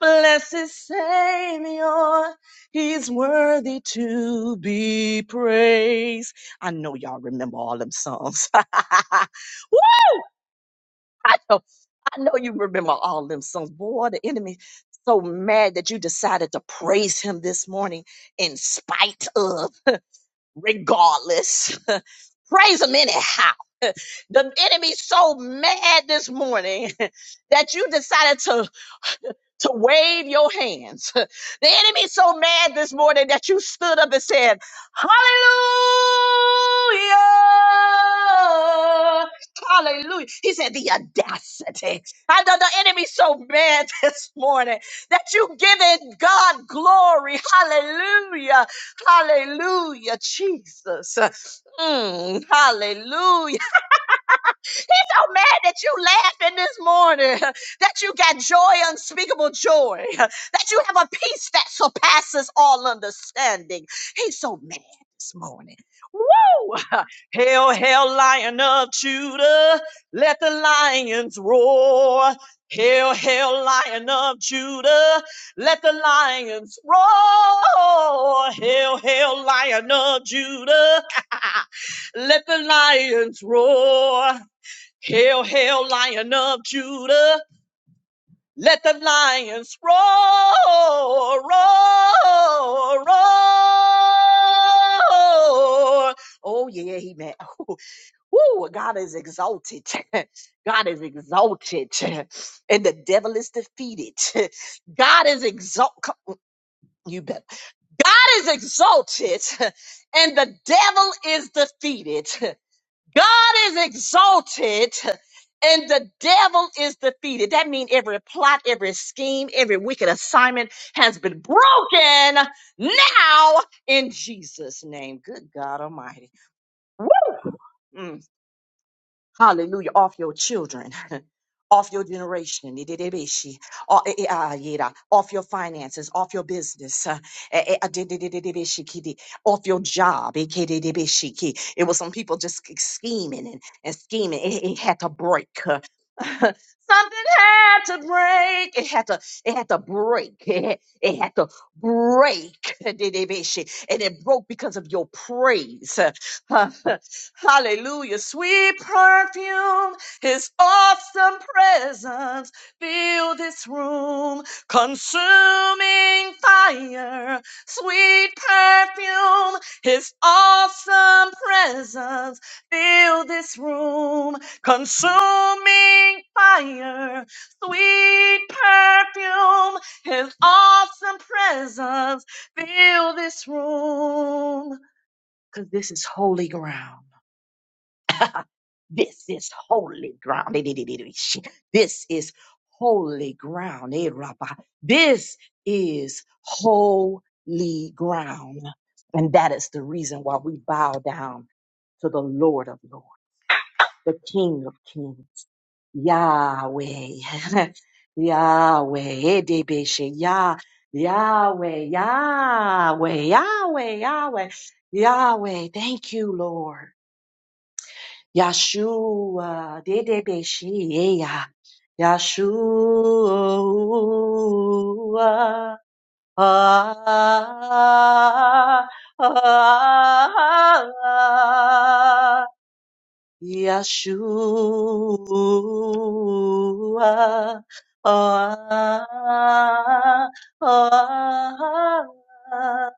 blessed Savior, He's worthy to be praised. I know y'all remember all them songs. Woo, I know, I know you remember all them songs. Boy, the enemy so mad that you decided to praise him this morning in spite of, regardless. praise him anyhow. The enemy's so mad this morning that you decided to to wave your hands. The enemy's so mad this morning that you stood up and said, Hallelujah! Hallelujah. He said, The audacity. I know the enemy's so mad this morning that you giving God glory. Hallelujah. Hallelujah, Jesus. Mm, hallelujah so mad that you laughing this morning, that you got joy, unspeakable joy, that you have a peace that surpasses all understanding. He's so mad this morning. Woo! Hail, hail, lion of Judah, let the lions roar. Hail, hail, lion of Judah, let the lions roar. Hail, hail, lion of Judah, let the lions roar. Hail, hail, lion of Judah. Let the lions roar, roar, roar. Oh, yeah, he meant. Woo, God is exalted. God is exalted. And the devil is defeated. God is exalted. You better. God is exalted and the devil is defeated. God is exalted and the devil is defeated. That means every plot, every scheme, every wicked assignment has been broken now in Jesus' name. Good God Almighty. Woo! Mm. Hallelujah. Off your children. Off your generation, Ididibishi. O- eh, eh, ah, yida. off your finances, off your business, uh, eh, eh, ah, dididididibishi kidi. off your job. eh, kididibishi ki. It was some people just sch- scheming and, and scheming. It, it had to break. uh, Something had to break. It had to. It had to break. It had, it had to break. didibishi. And it broke because of your praise. Hallelujah. Sweet perfume, his awesome presence fill this room. Consuming fire, sweet perfume, his awesome presence fill this room. Consuming fire, sweet perfume, his awesome presence fill this room. Because this is holy ground. This is holy ground. This is holy ground. Eh, Rabbah. This is holy ground. And that is the reason why we bow down to the Lord of Lords, the King of Kings, Yahweh. Yahweh. Eh, Debeshe. Yah. Yahweh, Yahweh, Yahweh, Yahweh, Yahweh. Thank you, Lord. Yahshua, Dedebeshia, Yahshua. Ah, ah, ah, Yeshua, ah, ah,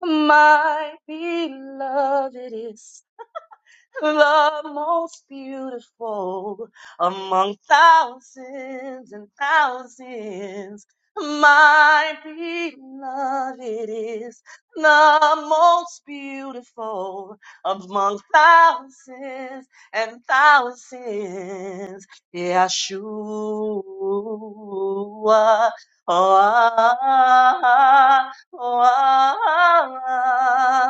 my beloved is Love most beautiful among thousands and thousands. My beloved is the most beautiful among thousands and thousands. Yeshua. Oh, ah, ah, ah, ah, ah,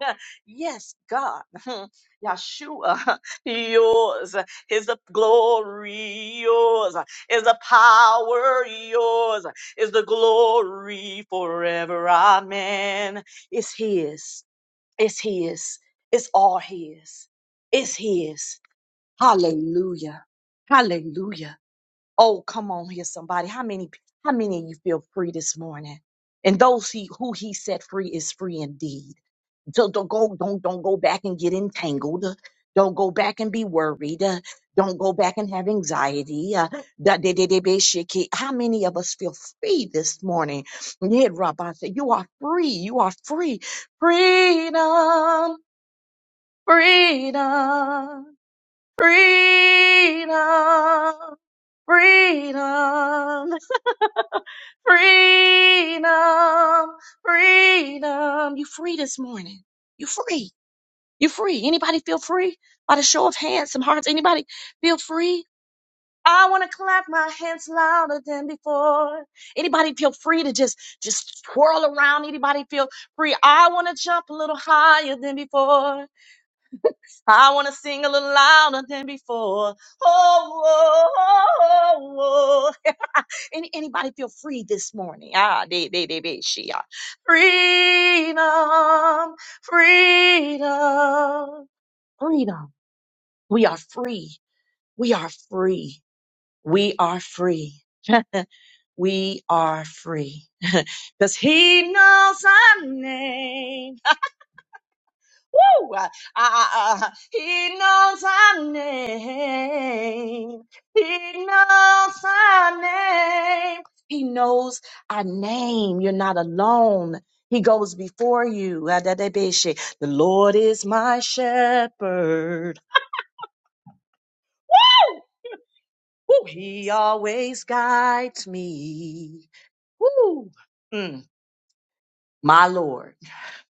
yes, God, Yeshua, yours is the glory, yours is the power, yours is the glory forever. Amen. It's His, it's His, it's all His, it's His. Hallelujah, Hallelujah. Oh, come on here, somebody. How many, how many of you feel free this morning? And those he, who He set free is free indeed. So don't go, don't don't go back and get entangled. Uh, Don't go back and be worried. Uh, Don't go back and have anxiety. Uh, da- de- de- de- be shaky. How many of us feel free this morning? Yeah, Rabbi said, "You are free. You are free. Freedom, freedom, freedom, freedom, freedom, freedom. You free this morning. You free." You free. Anybody feel free? By the show of hands, some hearts. Anybody feel free? I want to clap my hands louder than before. Anybody feel free to just just twirl around? Anybody feel free? I want to jump a little higher than before. I want to sing a little louder than before. Oh, oh, oh, oh. Any, anybody feel free this morning? Ah, they, they, they, they, she are. Freedom, freedom, freedom. We are free. We are free. We are free. We are free. Because he knows our name. Woo! Ah, ah, ah. He knows our name. He knows our name. He knows our name. You're not alone. He goes before you. Ah, da, da, be, she. The Lord is my shepherd. Woo, he always guides me. Woo, mm, my Lord.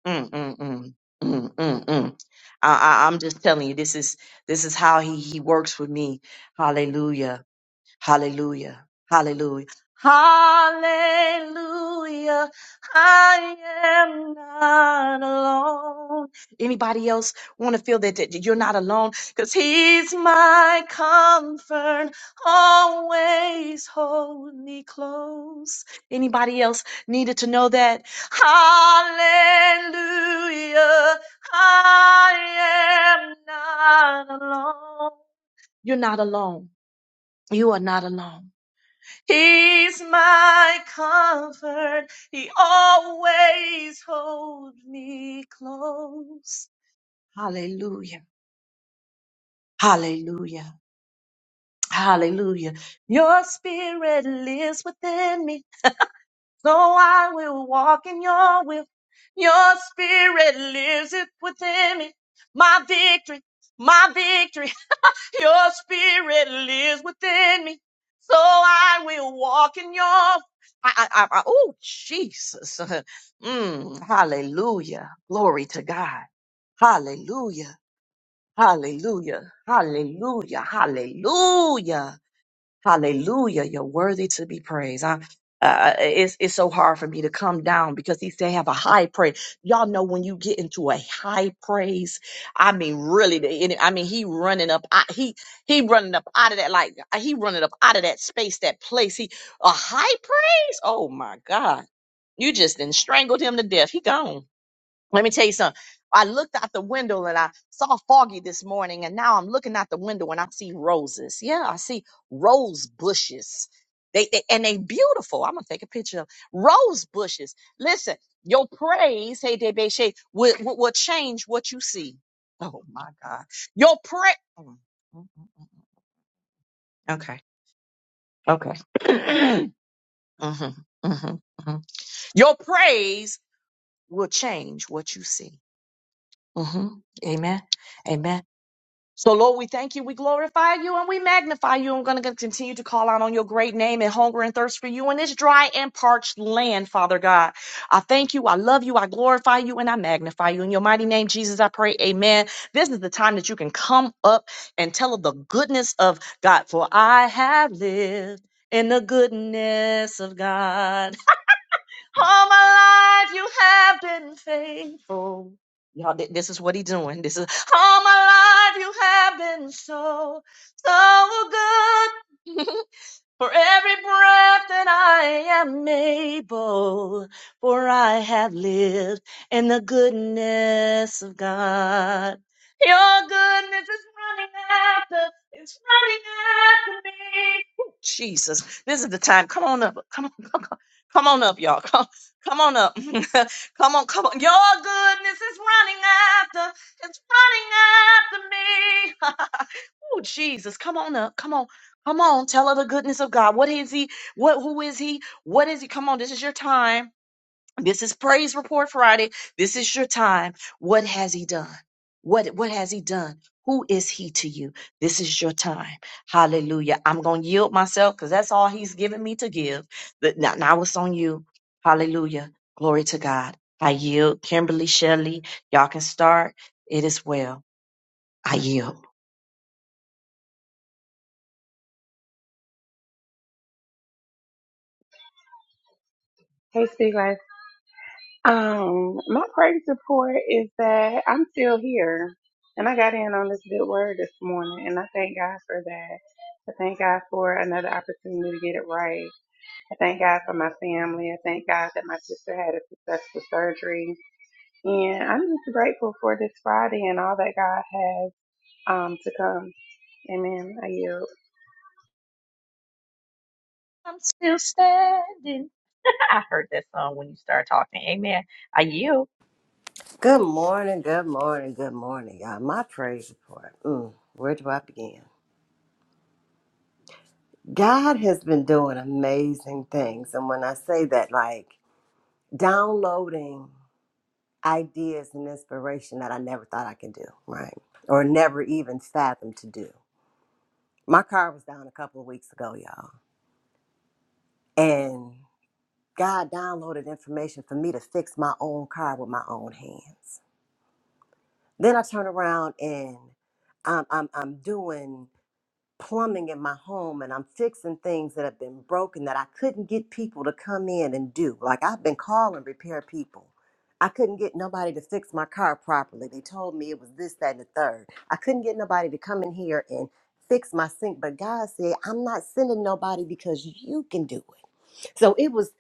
Mm, mm, mm, mm, mm, mm. I, I, I'm just telling you, this is this is how he he works with me. Hallelujah. Hallelujah. Hallelujah. Hallelujah. I am not alone. Anybody else want to feel that, that you're not alone? Because he's my comfort, always hold me close. Anybody else needed to know that? Hallelujah. I am not alone. You're not alone. You are not alone. He's my comfort. He always holds me close. Hallelujah. Hallelujah. Hallelujah. Your spirit lives within me, so I will walk in your will. Your spirit lives it within me. My victory, my victory. Your spirit lives within me, so I will walk in your. I, I, I, I oh, Jesus. Mm, hallelujah. Glory to God. Hallelujah. Hallelujah. Hallelujah. Hallelujah. Hallelujah. You're worthy to be praised. I, uh, it's, it's so hard for me to come down because he said have a high praise. Y'all know when you get into a high praise, I mean, really, the enemy- I mean, he running up, out- he, he running up out of that, like he running up out of that space, that place. He, a high praise. Oh my God. You just then strangled him to death. He gone. Let me tell you something. I looked out the window and I saw foggy this morning, and now I'm looking out the window and I see roses. Yeah, I see rose bushes. They, they and they beautiful. I'm gonna take a picture of rose bushes. Listen, your praise, hey Debeshe, will, will will change what you see. Oh my God, your praise. Okay, okay. hmm hmm hmm Your praise will change what you see. hmm Amen. Amen. So, Lord, we thank you, we glorify you, and we magnify you. I'm going to continue to call out on your great name and hunger and thirst for you in this dry and parched land, Father God. I thank you, I love you, I glorify you, and I magnify you. In your mighty name, Jesus, I pray, amen. This is the time that you can come up and tell of the goodness of God, for I have lived in the goodness of God. All my life you have been faithful. Y'all, thi- this is what he doing. This is all my life you have been so, so good. For every breath that I am able, for I have lived in the goodness of God. Your goodness is running after, it's running after me. Whew, Jesus, this is the time. Come on up. Come on, come on, come on up, y'all. Come, come on up. come on, come on. Your goodness is running after, it's running after me. Oh, Jesus, come on up. Come on. Come on. Tell her the goodness of God. What is he? What who is he? What is he? Come on, this is your time. This is Praise Report Friday. This is your time. What has he done? What what has he done? Who is he to you? This is your time. Hallelujah. I'm gonna yield myself because that's all he's given me to give. But now, now it's on you. Hallelujah. Glory to God. I yield. Kimberly Shelley, y'all can start. It is well. I yield. Hey, Steve guys. Um, my praise report is that I'm still here, and I got in on this good word this morning, and I thank God for that. I thank God for another opportunity to get it right. I thank God for my family. I thank God that my sister had a successful surgery, and I'm just grateful for this Friday and all that God has um to come. Amen. I yield. I'm still standing. I heard that song when you start talking. Amen. I yield. Good morning, good morning, good morning, y'all. My praise report. Mm, where do I begin? God has been doing amazing things, and when I say that, like downloading. ideas and inspiration that I never thought I could do, right? Or never even fathomed to do. My car was down a couple of weeks ago, y'all, and God downloaded information for me to fix my own car with my own hands. Then I turn around and I'm, I'm, I'm doing plumbing in my home and I'm fixing things that have been broken that I couldn't get people to come in and do. Like I've been calling repair people. I couldn't get nobody to fix my car properly. They told me it was this, that, and the third. I couldn't get nobody to come in here and fix my sink. But God said, I'm not sending nobody because you can do it. So it was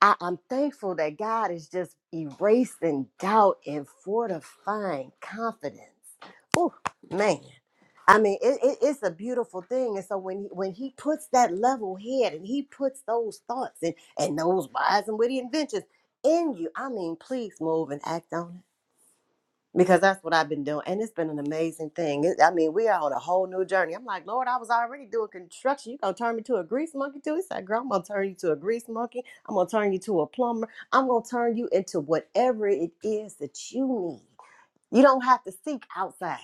I, I'm thankful that God is just erasing doubt and fortifying confidence. Oh man, I mean, it, it- it's a beautiful thing. And so when he, when He puts that level head and He puts those thoughts and and those wise and witty inventions in you, I mean, please move and act on it because that's what I've been doing. And it's been an amazing thing. It, I mean, we are on a whole new journey. I'm like, Lord, I was already doing construction. you going to turn me to a grease monkey, too? He said, Girl, I'm going to turn you to a grease monkey. I'm going to turn you to a plumber. I'm going to turn you into whatever it is that you need. You don't have to seek outside.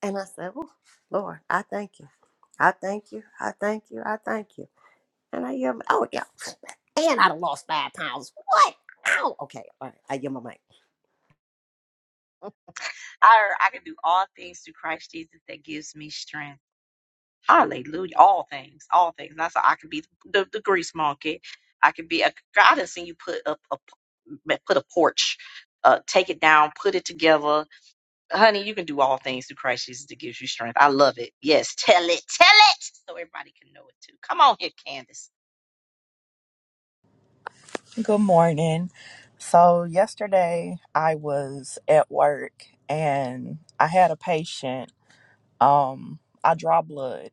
And I said, Oh, Lord, I thank you. I thank you. I thank you. I thank you. And I yelled, Oh, yeah. And I done lost five pounds. What? Ow. Okay. All right. I yelled my mic. I I can do all things through Christ Jesus that gives me strength. Hallelujah. All things. All things. That's how I can be the, the grease monkey. I can be a God has seen you put up a put a porch, uh, take it down, put it together. honey, you can do all things through Christ Jesus that gives you strength. I love it. Yes, tell it, tell it, so everybody can know it too. Come on here, Candace. Good morning. So, yesterday I was at work and I had a patient. Um, I draw blood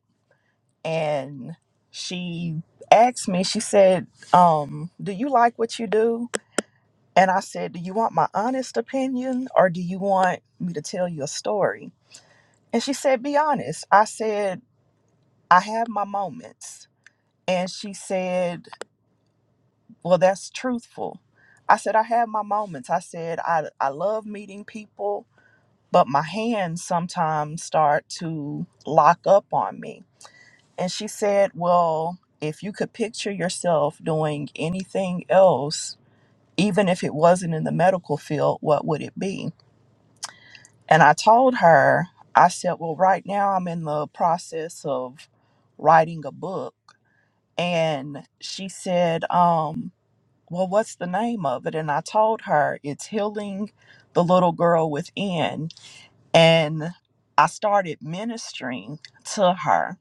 and she asked me, she said, um, Do you like what you do? And I said, Do you want my honest opinion or do you want me to tell you a story? And she said, Be honest. I said, I have my moments. And she said, Well, that's truthful. I said, I have my moments. I said, I, I love meeting people, but my hands sometimes start to lock up on me. And she said, Well, if you could picture yourself doing anything else, even if it wasn't in the medical field, what would it be? And I told her, I said, Well, right now I'm in the process of writing a book. And she said, um, well, what's the name of it? And I told her it's Healing the Little Girl Within. And I started ministering to her.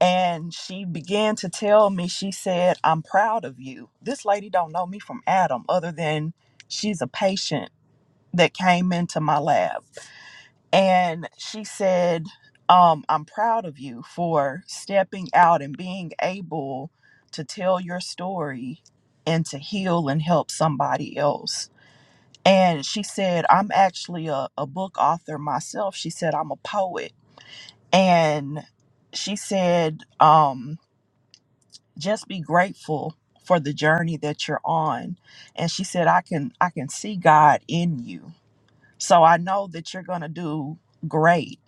And she began to tell me, she said, I'm proud of you. This lady don't know me from Adam, other than she's a patient that came into my lab and she said um, i'm proud of you for stepping out and being able to tell your story and to heal and help somebody else and she said i'm actually a, a book author myself she said i'm a poet and she said um, just be grateful for the journey that you're on and she said i can i can see god in you so i know that you're going to do great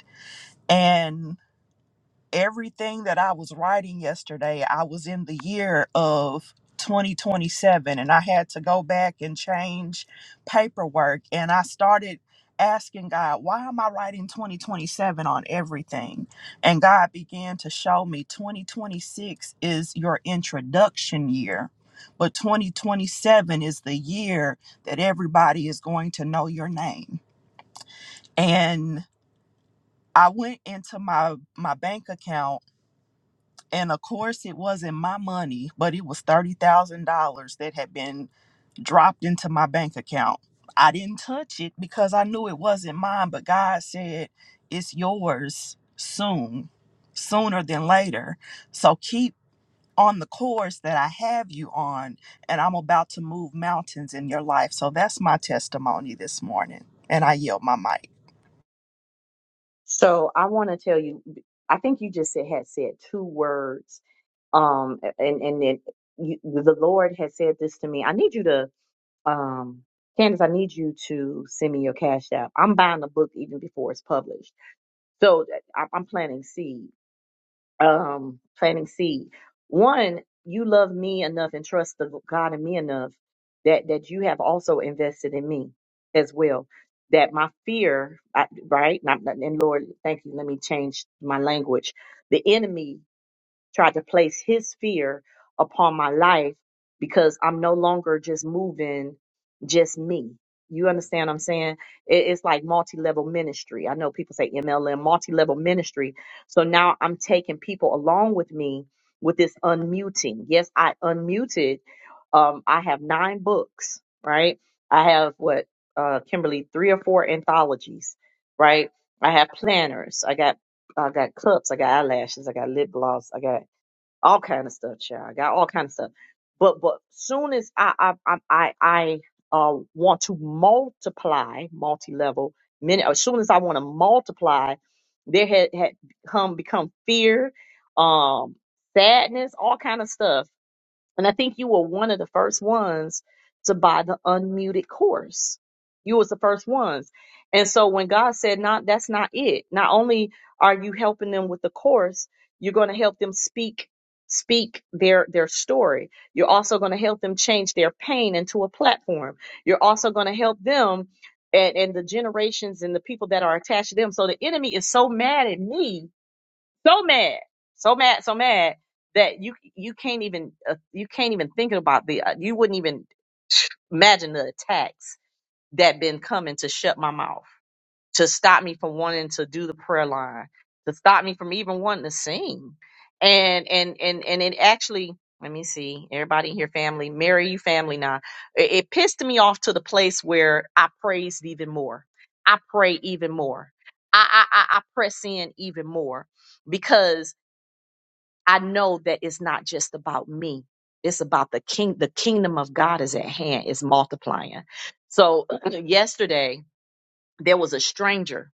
And everything that I was writing yesterday, I was in the year of 2027 and I had to go back and change paperwork. And I started asking God, why am I writing 2027 on everything? And God began to show me 2026 is your introduction year. But 2027 is the year that everybody is going to know your name. And I went into my my bank account and of course, it wasn't my money, but it was $30,000 that had been dropped into my bank account. I didn't touch it because I knew it wasn't mine, but God said, It's yours soon, sooner than later. So keep on the course that I have you on, and I'm about to move mountains in your life. So that's my testimony this morning. And I yield my mic. So I want to tell you, I think you just said, had said two words, um, and and then you, the Lord has said this to me. I need you to, um, Candace, I need you to send me your cash app. I'm buying the book even before it's published, so that- I- I'm planting seed. um, planting seed. One, you love me enough and trust the God in me enough that that you have also invested in me as well. That my fear, I, right? Not, not- and Lord, thank you. Let me change my language. The enemy tried to place his fear upon my life because I'm no longer just moving just me. You understand what I'm saying? It- It's like multi level ministry. I know people say MLM, multi level ministry. So now I'm taking people along with me with this unmuting. Yes, I unmuted. Um, I have nine books, right? I have what, uh, Kimberly, three or four anthologies, right? I have planners. I got I got cups. I got eyelashes. I got lip gloss. I got all kind of stuff, child. I got all kind of stuff. But but soon as I I I I, I uh, want to multiply, multi-level, many as soon as I want to multiply, there had had come become fear, um, sadness, all kind of stuff and I think you were one of the first ones to buy the unmuted course. You was the first ones. And so when God said, not that's not it. Not only are you helping them with the course, you're going to help them speak speak their their story. You're also going to help them change their pain into a platform. You're also going to help them and, and the generations and the people that are attached to them. So the enemy is so mad at me so mad, so mad, so mad that you you can't even uh, you can't even think about the uh, you wouldn't even imagine the attacks that been coming to shut my mouth, to stop me from wanting to do the prayer line, to stop me from even wanting to sing, and and and and it actually. Let me see. Everybody in here, family. Mary, you family now. It, it pissed me off to the place where I praised even more. I pray even more. I, I, I I press in even more because I know that it's not just about me. It's about the king. The kingdom of God is at hand. It's multiplying. So yesterday there was a stranger.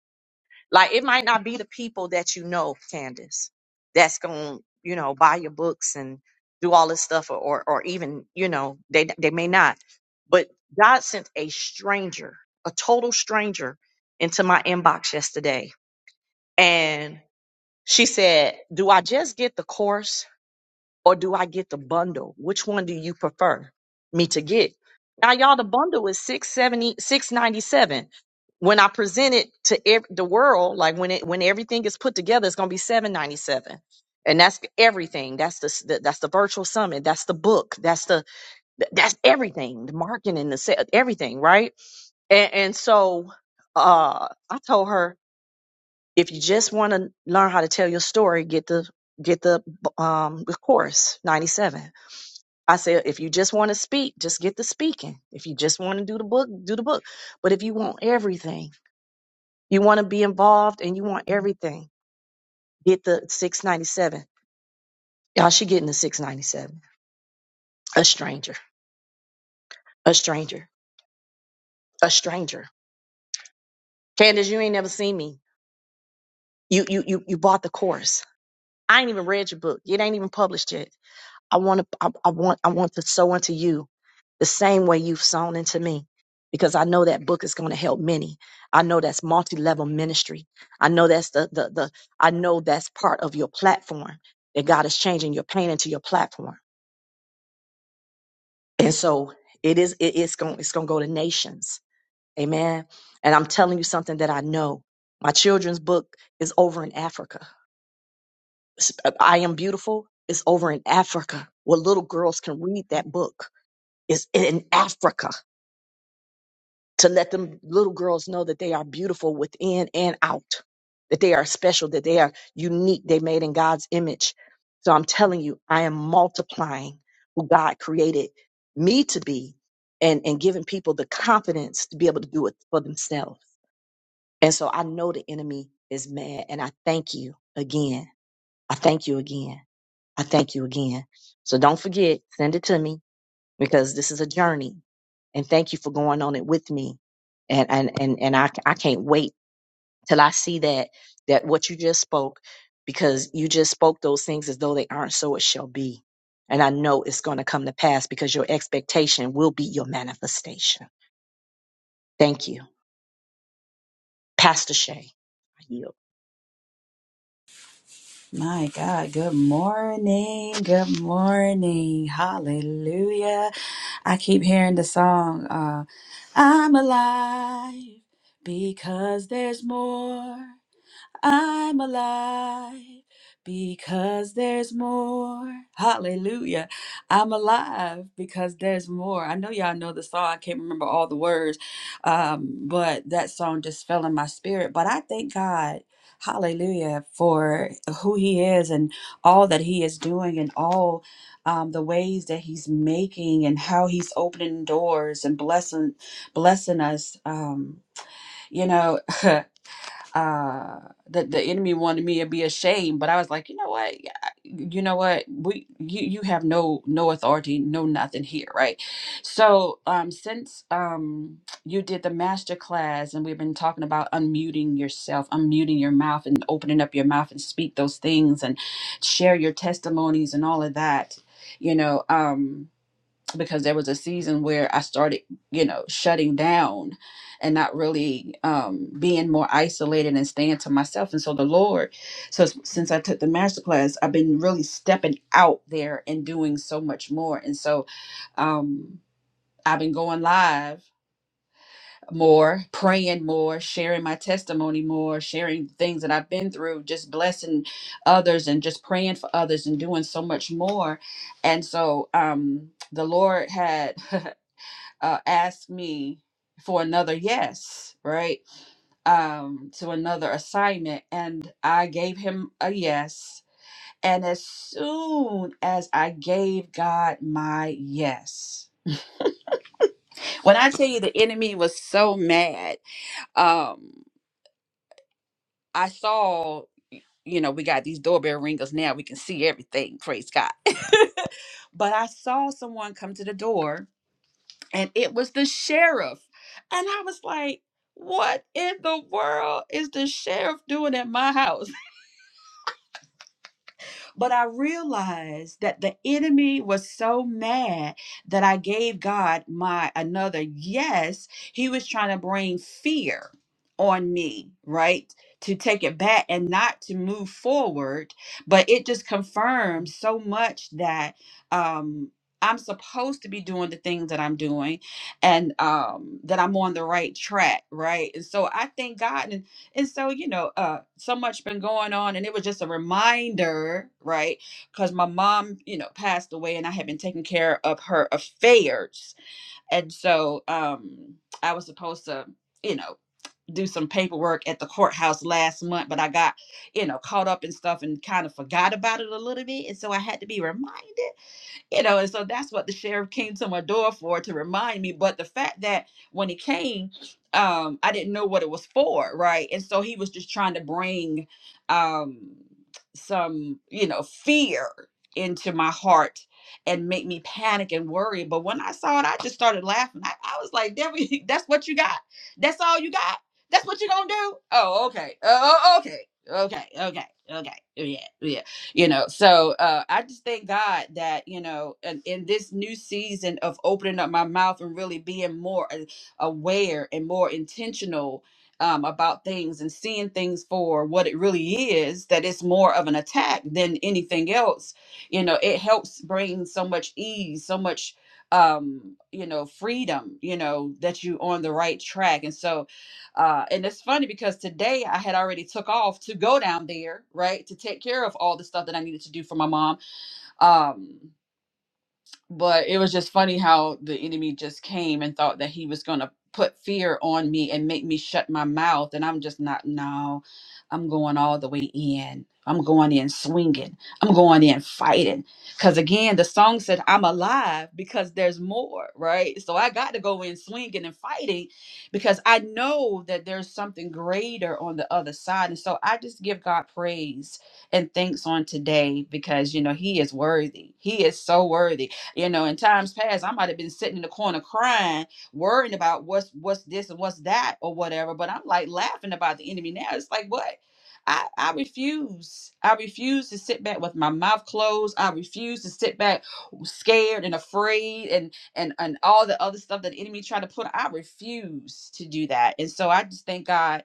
Like it might not be the people that you know, Candace, that's going to you know buy your books and do all this stuff, or or, or even you know they they may not. But God sent a stranger, a total stranger, into my inbox yesterday, and she said, "Do I just get the course?" or do I get the bundle? Which one do you prefer me to get? Now, y'all, the bundle is six seventy, six ninety seven. When I present it to ev- the world, like when it when everything is put together, it's gonna be seven ninety seven, and that's everything. That's the, s- the that's the virtual summit. That's the book. That's the th- that's everything. The marketing, the sa- everything, right? And, and so, uh, I told her if you just want to learn how to tell your story, get the get the um the course ninety seven I said, if you just want to speak, just get the speaking. If you just want to do the book, do the book. But if you want everything, you want to be involved and you want everything, get the 697. Y'all, she getting the 697. A stranger, a stranger, a stranger. Candace, you ain't never seen me. You, you, you, you bought the course. I ain't even read your book. It ain't even published yet. I want to, I, I want, I want to sow into you the same way you've sown into me. Because I know that book is going to help many. I know that's multi-level ministry. I know that's the, the, the, I know that's part of your platform that God is changing your pain into your platform. And so it is, it, it's going, it's going to go to nations. Amen. And I'm telling you something that I know. My children's book is over in Africa. S- I Am Beautiful is over in Africa where little girls can read that book is in Africa to let them little girls know that they are beautiful within and out, that they are special, that they are unique, they made in God's image. So I'm telling you, I am multiplying who God created me to be and, and giving people the confidence to be able to do it for themselves. And so I know the enemy is mad and I thank you again. I thank you again. I thank you again. So don't forget, send it to me because this is a journey. And thank you for going on it with me. And and and and I I can't wait till I see that that what you just spoke because you just spoke those things as though they aren't so it shall be. And I know it's going to come to pass because your expectation will be your manifestation. Thank you. Pastor Shay. I yield. My God, good morning. Good morning. Hallelujah. I keep hearing the song, uh, I'm alive because there's more. I'm alive because there's more. Hallelujah. I'm alive because there's more. I know y'all know the song. I can't remember all the words, um, but that song just fell in my spirit. But I thank God. Hallelujah for who he is and all that he is doing and all um, the ways that he's making and how he's opening doors and blessing blessing us. Um, you know, uh that the enemy wanted me to be ashamed but i was like you know what Yeah, I- you know what we you you have no no authority no nothing here right so um since um you did the master class and we've been talking about unmuting yourself unmuting your mouth and opening up your mouth and speak those things and share your testimonies and all of that you know um because there was a season where I started, you know, shutting down and not really um, being more isolated and staying to myself. And so the Lord, so s- since I took the master class, I've been really stepping out there and doing so much more. And so um, I've been going live more, praying more, sharing my testimony more, sharing things that I've been through, just blessing others and just praying for others and doing so much more. And so um, the Lord had. uh, asked me for another yes, right? Um, to another assignment. And I gave him a yes. And as soon as I gave God my yes, when I tell you the enemy was so mad, um, I saw, you know, we got these doorbell ringers now, we can see everything, praise God. but I saw someone come to the door and it was the sheriff. And I was like, what in the world is the sheriff doing at my house? But I realized that the enemy was so mad that I gave God my another yes. He was trying to bring fear on me, right? To take it back and not to move forward. But it just confirmed so much that um I'm supposed to be doing the things that I'm doing and um that I'm on the right track, right? And so I thank God And and so, you know, uh, so much been going on, and it was just a reminder, right? Because my mom, you know, passed away, and I had been taking care of her affairs, and so um, I was supposed to, you know, do some paperwork at the courthouse last month, but I got, you know, caught up in stuff and kind of forgot about it a little bit, and so I had to be reminded you know, and so that's what the sheriff came to my door for to remind me. But the fact that when he came, um, I didn't know what it was for, right? And so he was just trying to bring um some, you know, fear into my heart and make me panic and worry. But when I saw it, I just started laughing. I, I was like, "Devil, that's what you got? That's all you got? That's what you are gonna do? Oh, okay. Oh, oh, okay. Okay. Okay. Okay. Yeah. Yeah you know so uh i just thank god that you know in, in this new season of opening up my mouth and really being more a- aware and more intentional um, about things and seeing things for what it really is that it's more of an attack than anything else you know it helps bring so much ease so much um you know freedom you know that you on the right track and so uh, and it's funny because today I had already took off to go down there, right, to take care of all the stuff that I needed to do for my mom. Um, but it was just funny how the enemy just came and thought that he was going to put fear on me and make me shut my mouth and i'm just not no i'm going all the way in i'm going in swinging i'm going in fighting because again the song said i'm alive because there's more right so i got to go in swinging and fighting because i know that there's something greater on the other side and so i just give god praise and thanks on today because you know he is worthy he is so worthy you know, in times past, I might have been sitting in the corner crying, worrying about what's what's this and what's that or whatever. But I'm like laughing about the enemy now. It's like what? I, I refuse. I refuse to sit back with my mouth closed. I refuse to sit back scared and afraid and and and all the other stuff that the enemy tried to put. I refuse to do that. And so I just thank God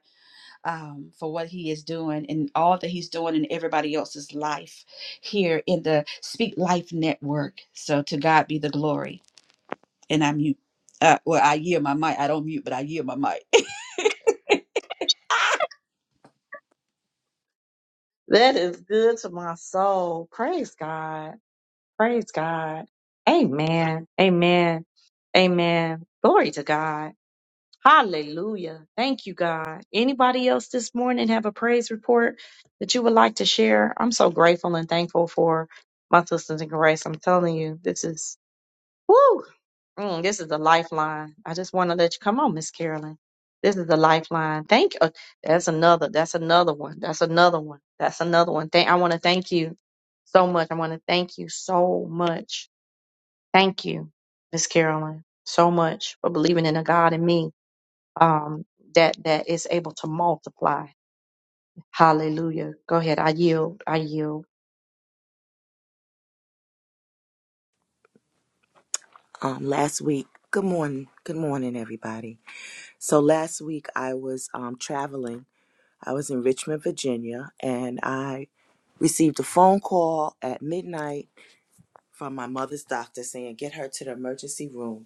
um, for what he is doing and all that he's doing in everybody else's life here in the Speak Life Network. So to God be the glory. And I mute. Uh, well, I yield my mic. I don't mute, but I yield my mic. That is good to my soul. Praise God. Praise God. Amen. Amen. Amen. Glory to God. Hallelujah. Thank you, God. Anybody else this morning have a praise report that you would like to share? I'm so grateful and thankful for my sisters in grace. I'm telling you, this is woo. Mm, this is the lifeline. I just want to let you come on, Miss Carolyn. This is the lifeline. Thank you. That's another. That's another one. That's another one. That's another one. Thank. I want to thank you so much. I want to thank you so much. Thank you, Miss Carolyn, so much for believing in a God in me um, that that is able to multiply. Hallelujah. Go ahead. I yield. I yield. um, last week. Good morning. Good morning, everybody. So last week I was um, traveling. I was in Richmond, Virginia, and I received a phone call at midnight from my mother's doctor saying, get her to the emergency room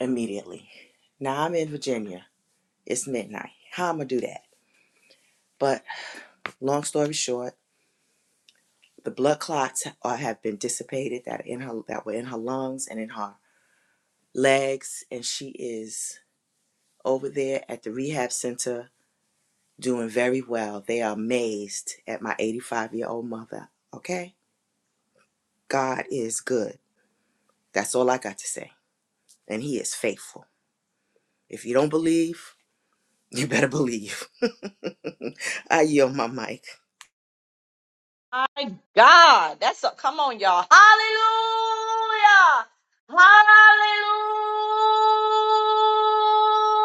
immediately. Now I'm in Virginia. It's midnight. How am I going to do that? But long story short, the blood clots are, have been dissipated that, are in her, that were in her lungs and in her legs, and she is over there at the rehab center doing very well. They are amazed at my 85 year old mother. Okay? God is good. That's all I got to say. And He is faithful. If you don't believe, you better believe. I yield my mic. My God, that's a come on, y'all. Hallelujah! Hallelujah!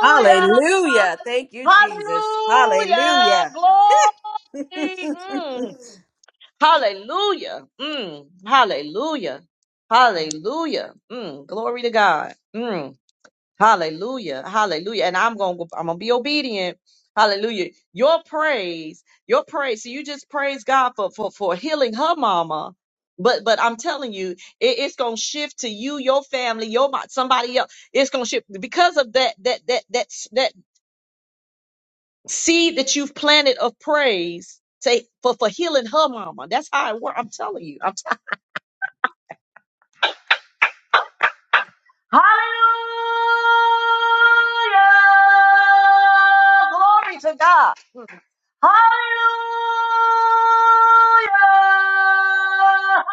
Hallelujah. Thank you, Jesus. Hallelujah. Hallelujah! Glory! Mm. Hallelujah! Mm. Hallelujah! Hallelujah! Mm. Glory to God! Mm. Hallelujah. Hallelujah. And I'm going to I'm going to be obedient. Hallelujah. Your praise, your praise. So you just praise God for for for healing her mama. But but I'm telling you, it, it's gonna shift to you, your family, your mo- somebody else. It's gonna shift because of that that that that s- that seed that you've planted of praise. Say for for healing her mama. That's how it works. I'm telling you. I'm t- Hallelujah! Glory to God. Hallelujah.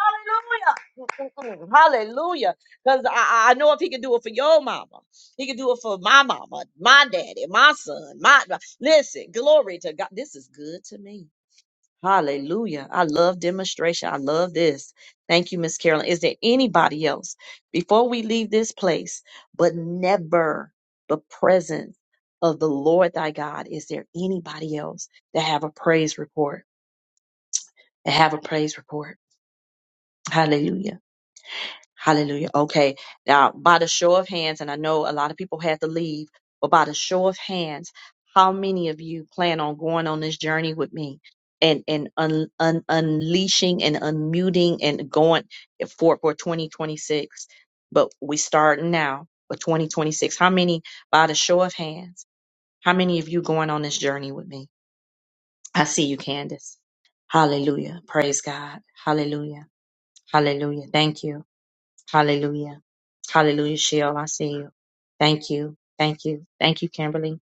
Hallelujah. Hallelujah. Because I, I I know if he can do it for your mama, he can do it for my mama, my daddy, my son, my my- listen, glory to God. This is good to me. Hallelujah. I love demonstration. I love this. Thank you, Miss Carolyn. Is there anybody else before we leave this place, but never the presence of the Lord thy God? Is there anybody else that have a praise report? That have a praise report. Hallelujah. Hallelujah. Okay. Now, by the show of hands, and I know a lot of people had to leave, but by the show of hands, how many of you plan on going on this journey with me and, and un, un, unleashing and unmuting and going for, for 2026? But we starting now for 2026. How many, by the show of hands, how many of you going on this journey with me? I see you, Candace. Hallelujah. Praise God. Hallelujah. Hallelujah. Thank you. Hallelujah. Hallelujah, Sheol. I see you. Thank you. Thank you. Thank you, Kimberly.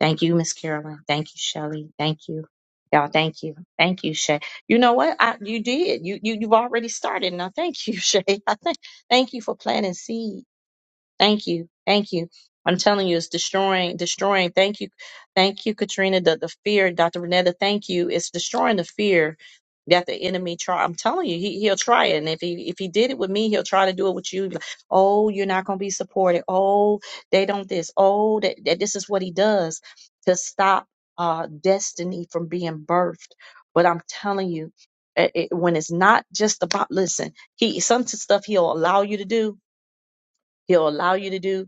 Thank you, Miss Carolyn. Thank you, Shelley. Thank you. Y'all, thank you. Thank you, Shay. You know what? I, you did. You, you you've already started now. Thank you, Shay. I think thank you for planting seeds. Thank you. Thank you. I'm telling you, it's destroying, destroying. Thank you. Thank you, Katrina. The, the fear, Dr. Renetta, thank you. It's destroying the fear that the enemy try. I'm telling you, he, he'll try it. And if he, if he did it with me, he'll try to do it with you. Like, Oh, you're not going to be supported. Oh, they don't this. Oh, that, that this is what he does to stop uh, destiny from being birthed. But I'm telling you, it, it- when it's not just about, listen, he, some stuff he'll allow you to do. He'll allow you to do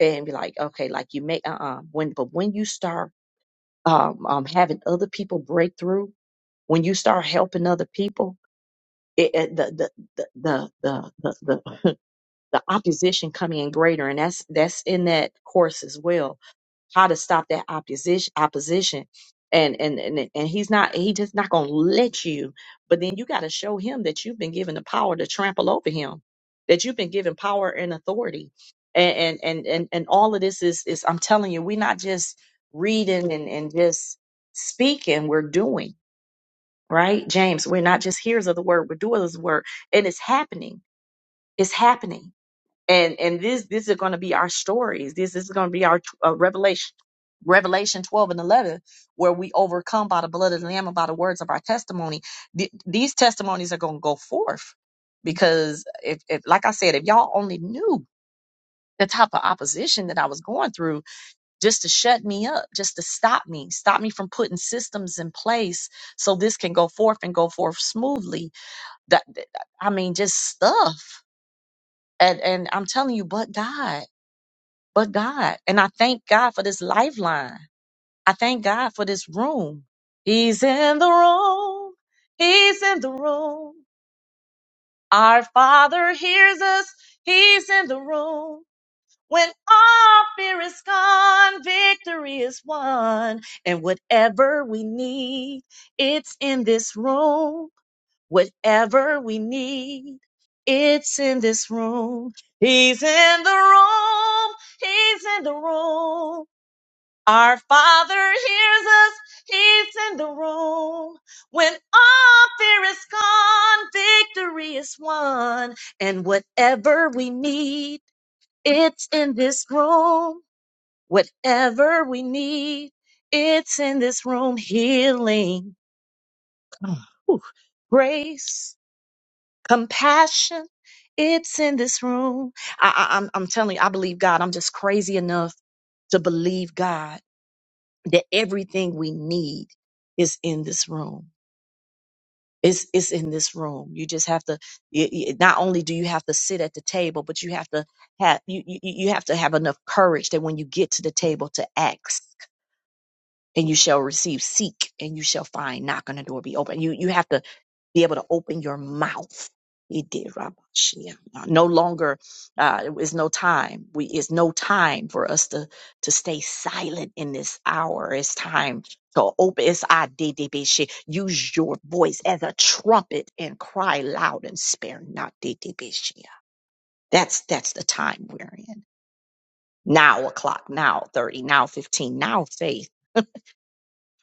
and be like, okay, like you may, uh-uh. When, but when you start um, um, having other people break through, when you start helping other people, it, it, the, the, the, the, the, the, the opposition coming in greater. And that's, that's in that course as well how to stop that opposition opposition and and and, and he's not he just not gonna let you but then you got to show him that you've been given the power to trample over him that you've been given power and authority and and and and, and all of this is is i'm telling you we're not just reading and and just speaking we're doing right james we're not just hearers of the word we're doers of the word and it's happening it's happening and and this this is going to be our stories this, this is going to be our uh, revelation revelation 12 and 11 where we overcome by the blood of the lamb and by the words of our testimony Th- these testimonies are going to go forth because if, if like i said if y'all only knew the type of opposition that i was going through just to shut me up just to stop me stop me from putting systems in place so this can go forth and go forth smoothly that that- i mean just stuff and and i'm telling you but god but God. And I thank God for this lifeline. I thank God for this room. He's in the room. He's in the room. Our Father hears us. He's in the room. When all fear is gone, victory is won. And whatever we need, it's in this room. Whatever we need, it's in this room. He's in the room. He's in the room. Our Father hears us, He's in the room. When all fear is gone, victory is won. And whatever we need, it's in this room. Whatever we need, it's in this room. Healing, Ooh, grace, compassion, it's in this room. I, I, I'm, I'm telling you, I believe God. I'm just crazy enough to believe God that everything we need is in this room. It's, it's in this room. You just have to. You, you- not only do you have to sit at the table, but you have to have you, you you have to have enough courage that when you get to the table to ask and you shall receive seek and you shall find knock on the door be open you you have to be able to open your mouth It did, Rabba Shia. no longer uh it's no time we it's no time for us to to stay silent in this hour it's time to open it's I did it, bitch. use your voice as a trumpet and cry loud and spare not did it, bitch. that's that's the time we're in now o'clock now 30 now 15 now faith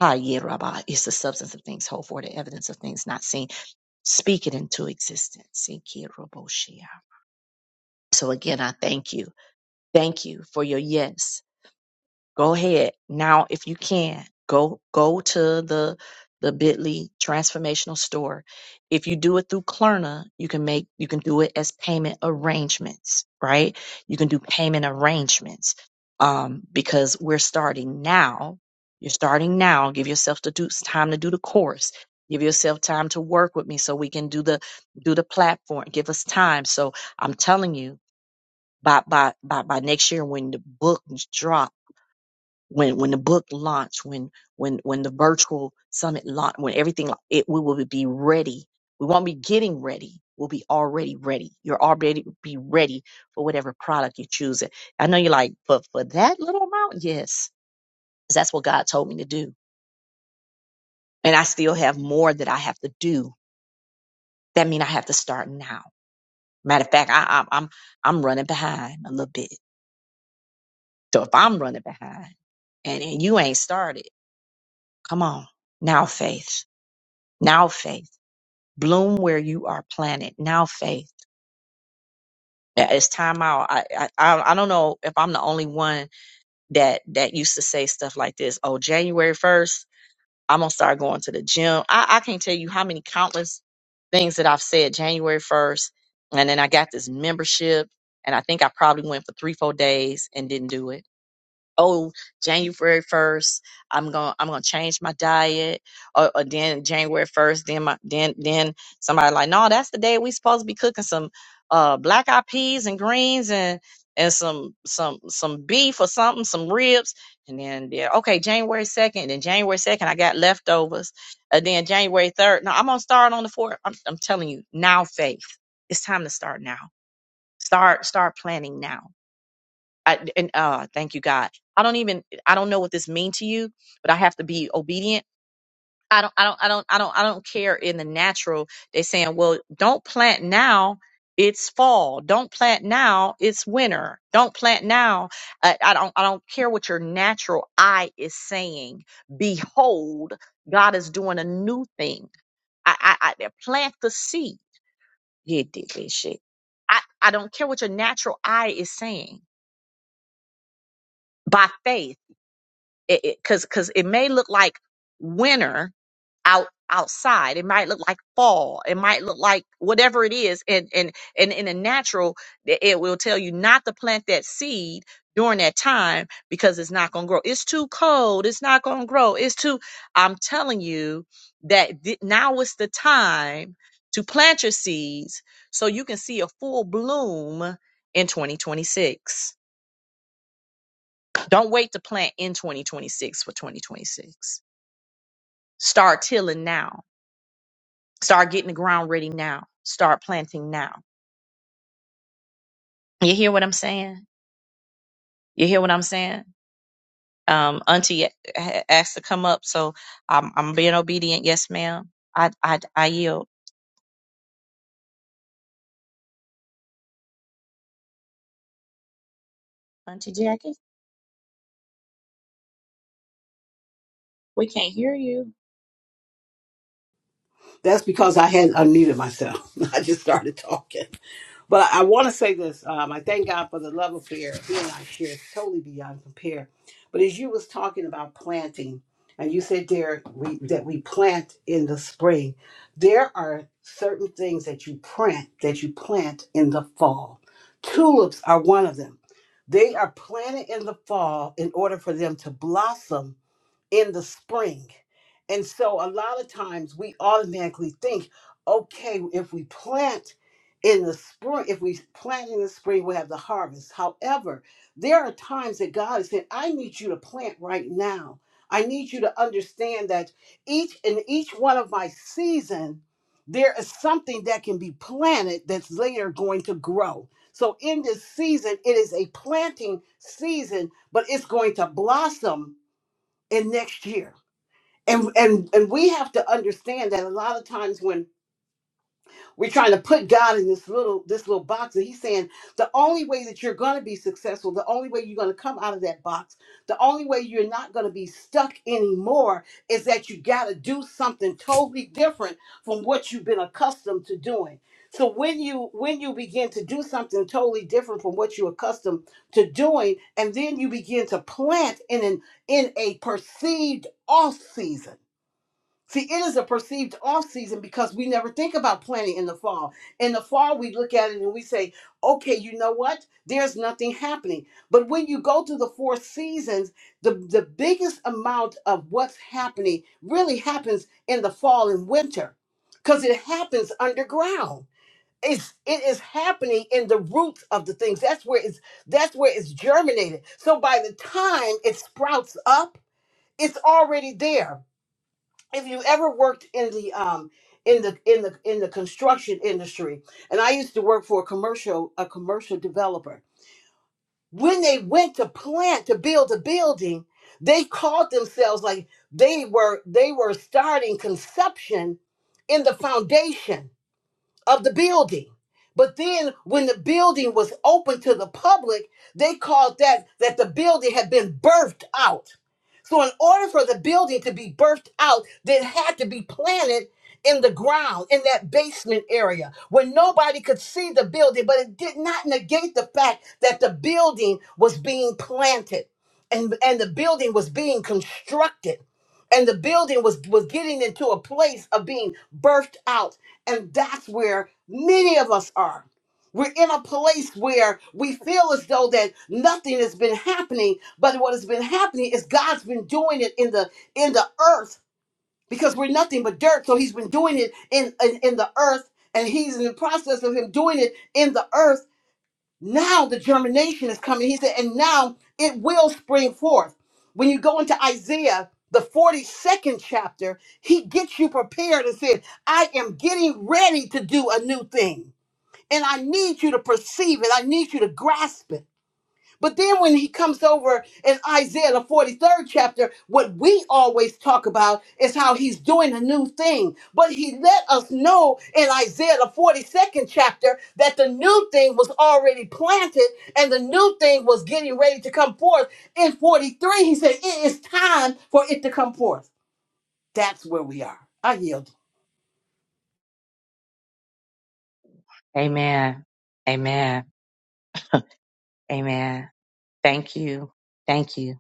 Hayir Rabbah is the substance of things hoped for, the evidence of things not seen. Speak it into existence. Ikir Roboshia. So again, I thank you. Thank you for your yes. Go ahead. Now, if you can, go go to the the Bitly transformational store. If you do it through Klarna, you can make you can do it as payment arrangements, right? You can do payment arrangements. Um, because we're starting now. You're starting now. Give yourself to do time to do the course. Give yourself time to work with me so we can do the do the platform. Give us time. So I'm telling you, by by by by next year when the book drops when when the book launched, when when when the virtual summit launched, when everything lau- it we will be ready. We won't be getting ready. We'll be already ready. You're already be ready for whatever product you choose. I know you're like, but for that little amount, yes, 'Cause that's what God told me to do, and I still have more that I have to do. That means I have to start now. Matter of fact, I, I'm I'm I'm running behind a little bit. So if I'm running behind and, and you ain't started, come on now, faith, now faith. bloom where you are planted now faith Yeah, it's time out I, I i I don't know if i'm the only one that that used to say stuff like this oh january 1st i'm gonna start going to the gym i i can't tell you how many countless things that i've said january 1st and then i got this membership and i think i probably went for three four days and didn't do it oh january 1st i'm gonna i'm gonna change my diet or, or then january 1st then my then then somebody like no that's the day we supposed to be cooking some uh black eyed peas and greens and and some some some beef or something some ribs and then yeah okay january 2nd then january 2nd i got leftovers and then january 3rd no i'm gonna start on the 4th i'm, I'm telling you now faith it's time to start now start start planning now I, and uh, thank you, God. I don't even I don't know what this means to you, but I have to be obedient. I don't I don't I don't I don't I don't care in the natural. They're saying, well, don't plant now. It's fall. Don't plant now. It's winter. Don't plant now. I, I don't I don't care what your natural eye is saying. Behold, God is doing a new thing. I I, I plant the seed. Yeah, did that shit. I, I don't care what your natural eye is saying. By faith. it, it cause cause it may look like winter out outside. It might look like fall. It might look like whatever it is. And and and in the natural, it it will tell you not to plant that seed during that time because it's not gonna grow. It's too cold. It's not gonna grow. It's too. I'm telling you that th- now is the time to plant your seeds so you can see a full bloom in 2026. Don't wait to plant in 2026 for 2026. Start tilling now. Start getting the ground ready now. Start planting now. You hear what I'm saying? You hear what I'm saying? Um, Auntie a- asked to come up, so I'm, I'm being obedient. Yes, ma'am. I, I, I yield. Auntie Jackie, we can't hear you. That's because I hadn't unmuted myself. I just started talking. But I want to say this. Um, I thank God for the love affair. He and I share is totally beyond compare. But as you was talking about planting, and you said, Derek, we, that we plant in the spring, there are certain things that you plant that you plant in the fall. Tulips are one of them. They are planted in the fall in order for them to blossom in the spring. And so a lot of times we automatically think, okay, if we plant in the spring, if we plant in the spring, we'll have the harvest. However, there are times that God is saying, I need you to plant right now. I need you to understand that each in each one of my season, there is something that can be planted that's later going to grow. So in this season, it is a planting season, but it's going to blossom in next year. And and and we have to understand that a lot of times when we're trying to put God in this little this little box, and He's saying the only way that you're going to be successful, the only way you're going to come out of that box, the only way you're not going to be stuck anymore is that you got to do something totally different from what you've been accustomed to doing. So when you when you begin to do something totally different from what you're accustomed to doing, and then you begin to plant in an in a perceived off season See, it is a perceived off season because we never think about planting in the fall. In the fall, we look at it and we say, okay, you know what? There's nothing happening. But when you go through the four seasons, the, the biggest amount of what's happening really happens in the fall and winter because it happens underground. It's it is happening in the roots of the things. That's where it's that's where it's germinated. So by the time it sprouts up, it's already there if you ever worked in the um in the in the in the construction industry and i used to work for a commercial a commercial developer when they went to plant to build a building they called themselves like they were they were starting conception in the foundation of the building. But then when the building was open to the public, they called that that the building had been birthed out. So in order for the building to be birthed out, it had to be planted in the ground in that basement area where nobody could see the building, but it did not negate the fact that the building was being planted and, and the building was being constructed. And the building was, was getting into a place of being birthed out and that's where many of us are. We're in a place where we feel as though that nothing has been happening, but what has been happening is God's been doing it in the in the earth because we're nothing but dirt. So he's been doing it in in, in the earth and he's in the process of him doing it in the earth now the germination is coming. He said, and now it will spring forth. When you go into Isaiah, the 42nd chapter, he gets you prepared and said, I am getting ready to do a new thing. And I need you to perceive it. I need you to grasp it. But then when he comes over in Isaiah, the 43rd chapter, what we always talk about is how he's doing a new thing. But he let us know in Isaiah, the 42nd chapter, that the new thing was already planted and the new thing was getting ready to come forth. In 43, he said, It is time for it to come forth. That's where we are. I yield. Amen. Amen. Amen. Thank you. Thank you.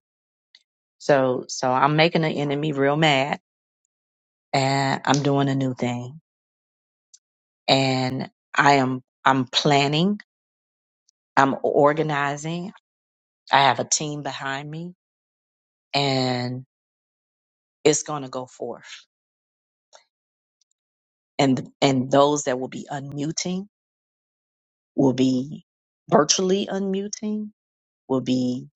So, so I'm making the enemy real mad and I'm doing a new thing and I am, I'm planning, I'm organizing I have a team behind me and it's going to go forth. And, and those that will be unmuting will be virtually unmuting, will be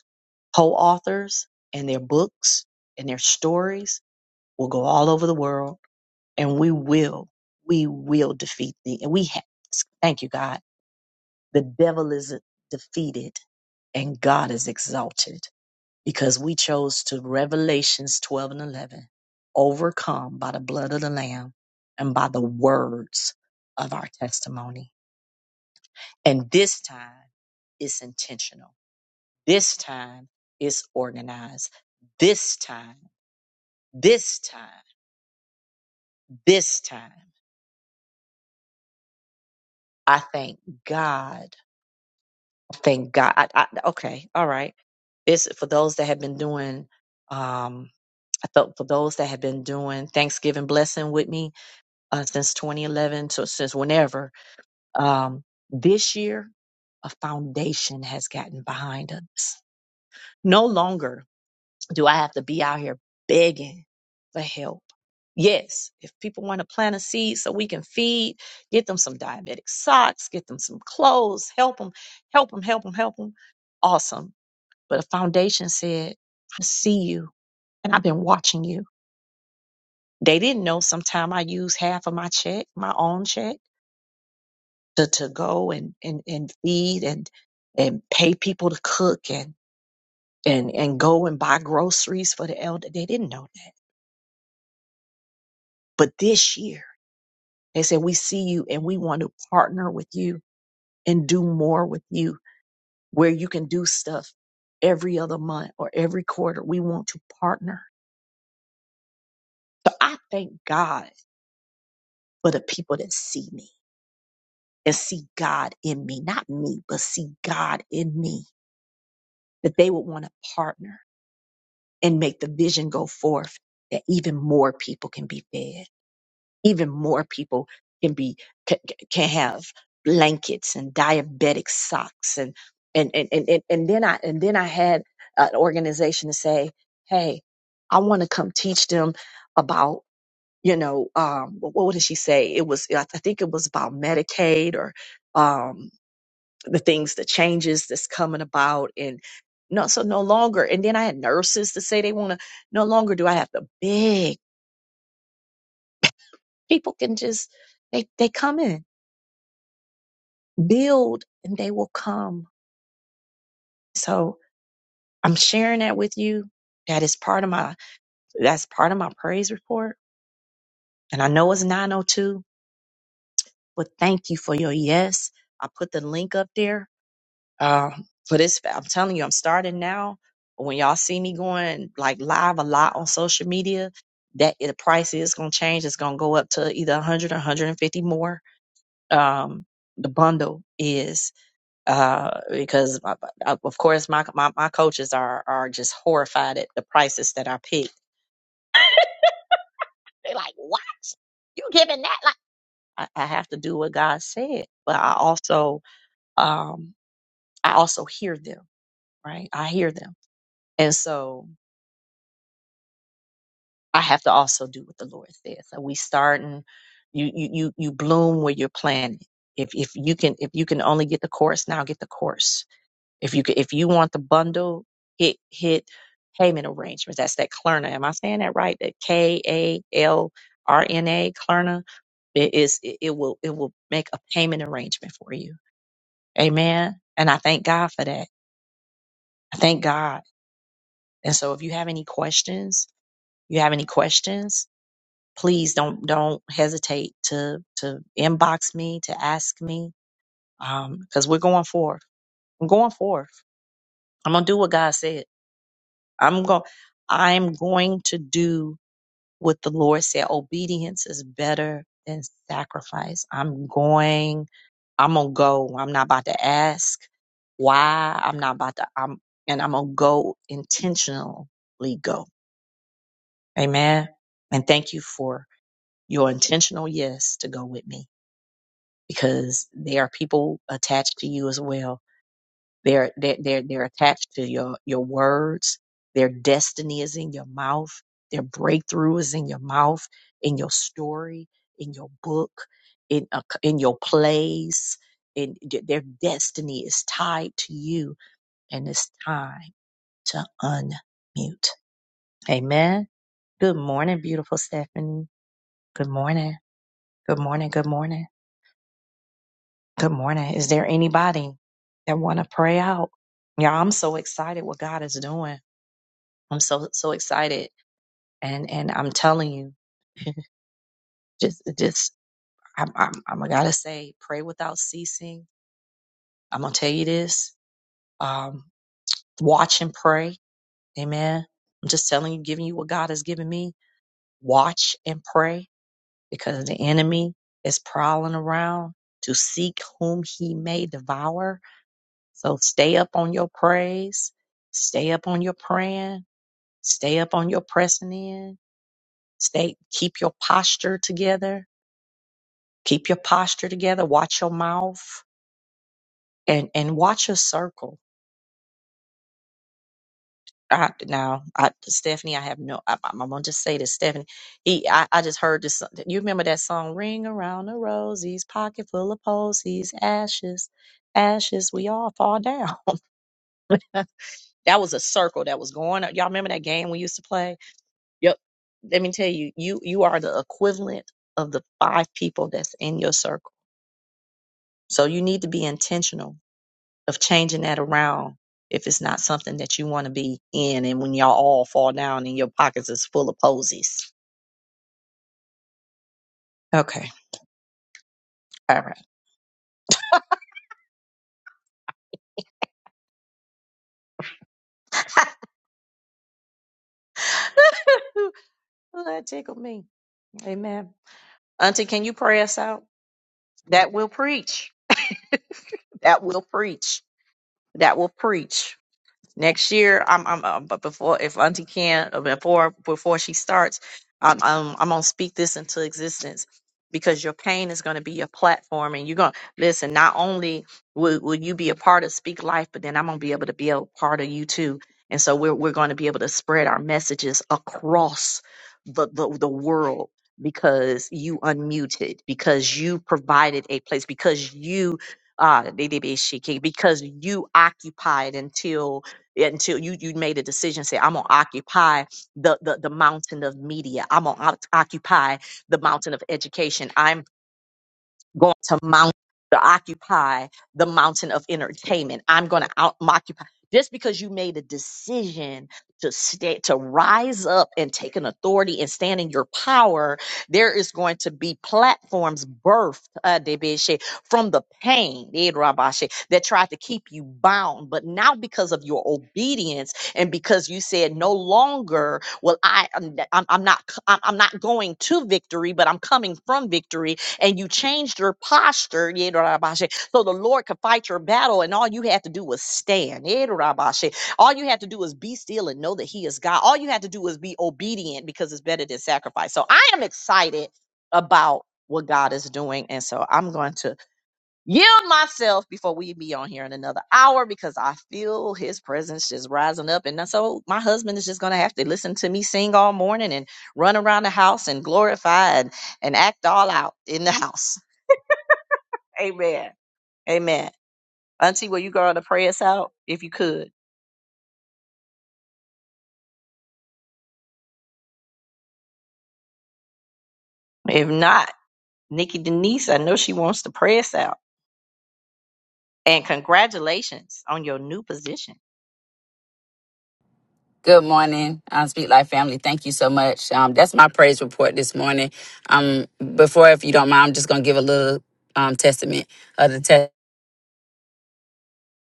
co-authors and their books and their stories will go all over the world. And we will, we will defeat the, and we have, thank you, God. The devil is defeated and God is exalted. because we chose to Revelations 12 and 11 overcome by the blood of the Lamb and by the words of our testimony. And this time it's intentional. This time it's organized. This time, this time, this time. I thank God. Thank God. I, I, okay, all right. It's for those that have been doing, um, I thought for those that have been doing Thanksgiving blessing with me uh, since 2011, so since whenever. Um, this year, a foundation has gotten behind us. No longer do I have to be out here begging for help. Yes, if people want to plant a seed so we can feed, get them some diabetic socks, get them some clothes, help them, help them, help them, help them. Awesome. But a foundation said, I see you and I've been watching you. They didn't know sometime I use half of my check, my own check to, to go and, and, and feed and and pay people to cook and, and and go and buy groceries for the elder. They didn't know that. But this year they said we see you and we want to partner with you and do more with you where you can do stuff every other month or every quarter. We want to partner. So I thank God for the people that see me and see God in me, not me, but see God in me, that they would want to partner and make the vision go forth that even more people can be fed, even more people can be can, can have blankets and diabetic socks and and and and and, and then I and then I had an organization to say, hey, I want to come teach them about you know um what, what did she say? It was I think it was about Medicaid or um the things, the changes that's coming about, and no, so no longer. And then I had nurses to say they want to. No longer do I have to beg. People can just they they come in, build, and they will come. So I'm sharing that with you. That is part of my that's part of my praise report. And I know it's 902, but thank you for your yes. I put the link up there uh, for this. I'm telling you, I'm starting now. When y'all see me going like live a lot on social media, that the price is going to change. It's going to go up to either 100 or 150 more. Um, the bundle is uh, because my, uh, of course my, my my coaches are are just horrified at the prices that I picked. They're like, "What? You giving that?" Like I, I have to do what God said, but I also um, I also hear them. Right, I hear them, and so I have to also do what the Lord says. So we starting you you you you bloom where you're planted. If if you can if you can only get the course now, get the course. If you can, if you want the bundle, hit hit payment arrangements. That's that Klarna. Am I saying that right? That K A L R N A Klarna. It is it, it will it will make a payment arrangement for you. Amen. And I thank God for that. I thank God. And so if you have any questions, you have any questions, please don't don't hesitate to to inbox me to ask me um because we're going forth i'm going forth i'm gonna do what god said i'm going i'm going to do what the lord said obedience is better than sacrifice i'm going i'm gonna go i'm not about to ask why i'm not about to i'm and i'm gonna go intentionally go amen and thank you for your intentional yes to go with me because there are people attached to you as well. They're they're they're, they're attached to your your words. Their destiny is in your mouth. Their breakthrough is in your mouth, in your story, in your book, in a, in your plays. In their destiny is tied to you, and it's time to unmute. Amen. Good morning, beautiful Stephanie. Good morning. Good morning. Good morning. Good morning. Is there anybody that want to pray out? Yeah, I'm so excited what God is doing. I'm so so excited, and and I'm telling you, just just I'm I'm, I'm I gotta say, pray without ceasing. I'm gonna tell you this. Um, watch and pray. Amen. I'm just telling you, giving you what God has given me. Watch and pray because the enemy is prowling around to seek whom he may devour So stay up on your praise, stay up on your praying, stay up on your pressing in, stay keep your posture together, keep your posture together, watch your mouth and and watch your circle. I, now, I, Stephanie, I have no. I, I'm gonna just say this, Stephanie. He, I, I just heard this. You remember that song, "Ring Around the Rosies," pocket full of posies, ashes, ashes. We all fall down. that was a circle that was going. up. Y'all remember that game we used to play? Yep. Let me tell you, you you are the equivalent of the five people that's in your circle. So you need to be intentional of changing that around if it's not something that you want to be in and when y'all all fall down and your pockets is full of posies. Okay. All right. Well, that tickled me. Amen. Auntie, can you pray us out? That will preach. That will preach. That will preach. next year. I'm, I'm, uh, but before if Auntie can uh, before before she starts, I'm, I'm, I'm gonna speak this into existence because your pain is gonna be your platform, and you're gonna listen. Not only will, will you be a part of Speak Life, but then I'm gonna be able to be a part of you too. And so we're we're going to be able to spread our messages across the the, the world because you unmuted, because you provided a place, because you uh, because you occupied until until you you made a decision say i'm gonna occupy the the, the mountain of media i'm gonna oc- occupy the mountain of education I'm going to mount to occupy the mountain of entertainment. I'm going to out occupy just because you made a decision to stay to rise up and take an authority and stand in your power. There is going to be platforms birthed uh, Debeshe, from the pain eh, Rabashe, that tried to keep you bound, but now because of your obedience and because you said no longer will I I'm, I'm I'm not I'm I'm not going to victory, but I'm coming from victory and you changed your posture. yeah, Rabashe, So the Lord could fight your battle, and all you had to do was stand. yeah, Rabashe. All you had to do was be still and know that He is God. All you had to do was be obedient because it's better than sacrifice. So I am excited about what God is doing. And so I'm going to yield myself before we be on here in another hour because I feel his presence just rising up. And so my husband is just going to have to listen to me sing all morning and run around the house and glorify and, and act all out in the house. Amen. Amen. Auntie, will you go on to pray us out if you could? If not, Nikki Denise, I know she wants to pray us out. And congratulations on your new position. Good morning, um, Speak Life family. Thank you so much. Um, that's my praise report this morning. Um, before, if you don't mind, I'm just gonna give a little um, testament of the test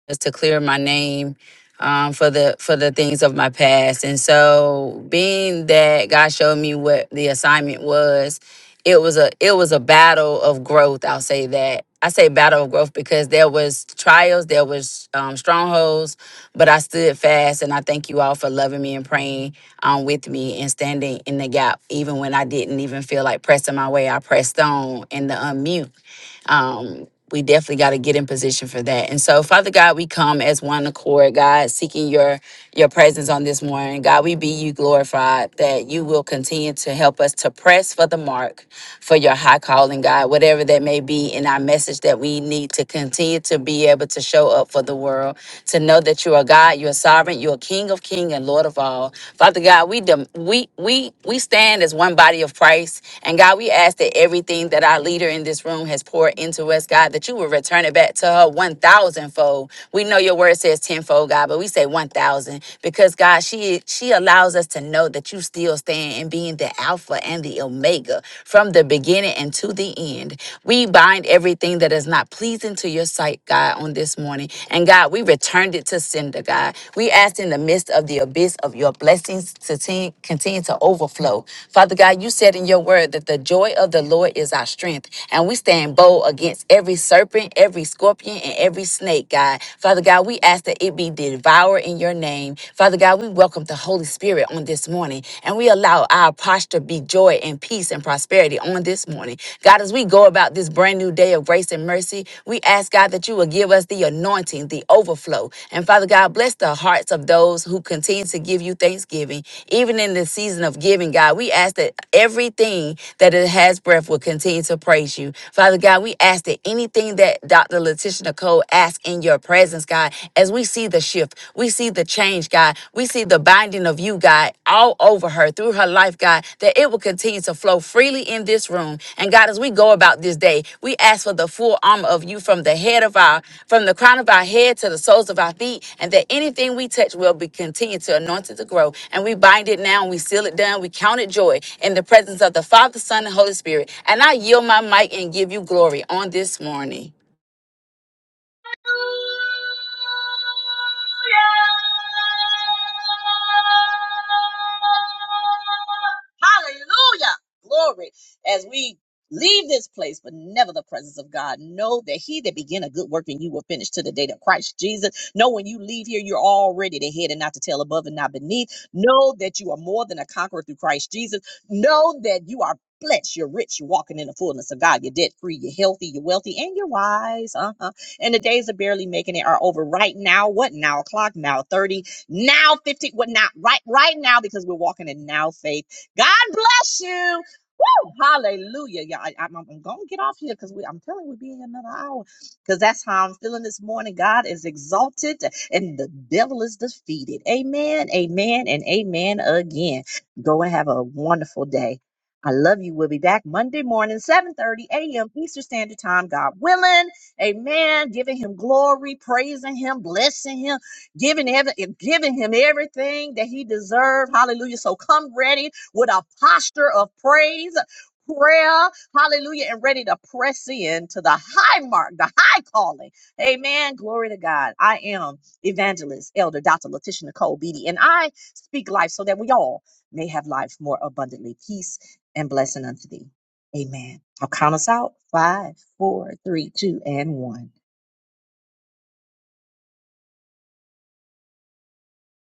was to clear my name um, for the for the things of my past. And so, being that God showed me what the assignment was, it was a it was a battle of growth. I'll say that. I say battle of growth because there was trials, there was um, strongholds, but I stood fast, and I thank you all for loving me and praying um, with me and standing in the gap, even when I didn't even feel like pressing my way. I pressed on in the unmute um, we definitely got to get in position for that. And so, Father God, we come as one accord, God, seeking your your presence on this morning. God, we be you glorified that you will continue to help us to press for the mark for your high calling, God, whatever that may be in our message that we need to continue to be able to show up for the world, to know that you are God, you are sovereign, you are King of King and Lord of all. Father God, we dem- we we we we stand as one body of Christ. And God, we ask that everything that our leader in this room has poured into us, God, that you will return it back to her one thousand fold. We know your word says tenfold, God, but we say one thousand because God, she she allows us to know that you still stand in being the Alpha and the Omega from the beginning and to the end. We bind everything that is not pleasing to your sight, God, on this morning. And God, we returned it to sender, God. We asked in the midst of the abyss of your blessings to te- continue to overflow. Father God, you said in your word that the joy of the Lord is our strength. And we stand bold against every serpent, every scorpion, and every snake, God. Father God, we ask that it be devoured in your name. Father God, we welcome the Holy Spirit on this morning and we allow our posture be joy and peace and prosperity on this on this morning. God, as we go about this brand new day of grace and mercy, we ask God that you will give us the anointing, the overflow. And Father God, bless the hearts of those who continue to give you thanksgiving. Even in the season of giving, God, we ask that everything that it has breath will continue to praise you. Father God, we ask that anything that Dr. Letitia Nicole asks in your presence, God, as we see the shift, we see the change, God. we. We see the binding of you, God, all over her through her life, God, that it will continue to flow freely in this room. And God, as we go about this day, we ask for the full armor of you from the head of our, from the crown of our head to the soles of our feet, and that anything we touch will be continued to anoint it to grow. And we bind it now and we seal it down. We count it joy in the presence of the Father, Son, and Holy Spirit. And I yield my mic and give you glory on this morning. Hallelujah. Glory. As we leave this place, but never the presence of God, know that he that began a good work in you will finish to the day of Christ Jesus. Know when you leave here, you're already the head and not the tail, above and not beneath. Know that you are more than a conqueror through Christ Jesus. Know that you are blessed, you're rich, you're walking in the fullness of God, you're debt free, you're healthy, you're wealthy, and you're wise. Uh-huh. And the days of barely making it are over right now. What now? O'clock now, 30, now 50, what now? Right, right now, because we're walking in now faith. God bless you. Woo! Hallelujah. Yeah, I, am going to get off here because I'm telling you, we'll be in another hour because that's how I'm feeling this morning. God is exalted and the devil is defeated. Amen, amen, and amen again. Go and have a wonderful day. I love you. We'll be back Monday morning, 7:30 a.m. Eastern Standard Time, God willing. Amen. Giving him glory, praising him, blessing him, giving every, giving him everything that he deserved. Hallelujah. So come ready with a posture of praise. Prayer, hallelujah, and ready to press in to the high mark, the high calling. Amen. Glory to God. I am evangelist, elder Dr. Letitia Nicole Beatty, and I speak life so that we all may have life more abundantly. Peace and blessing unto thee. Amen. I'll count us out. Five, four, three, two, and one.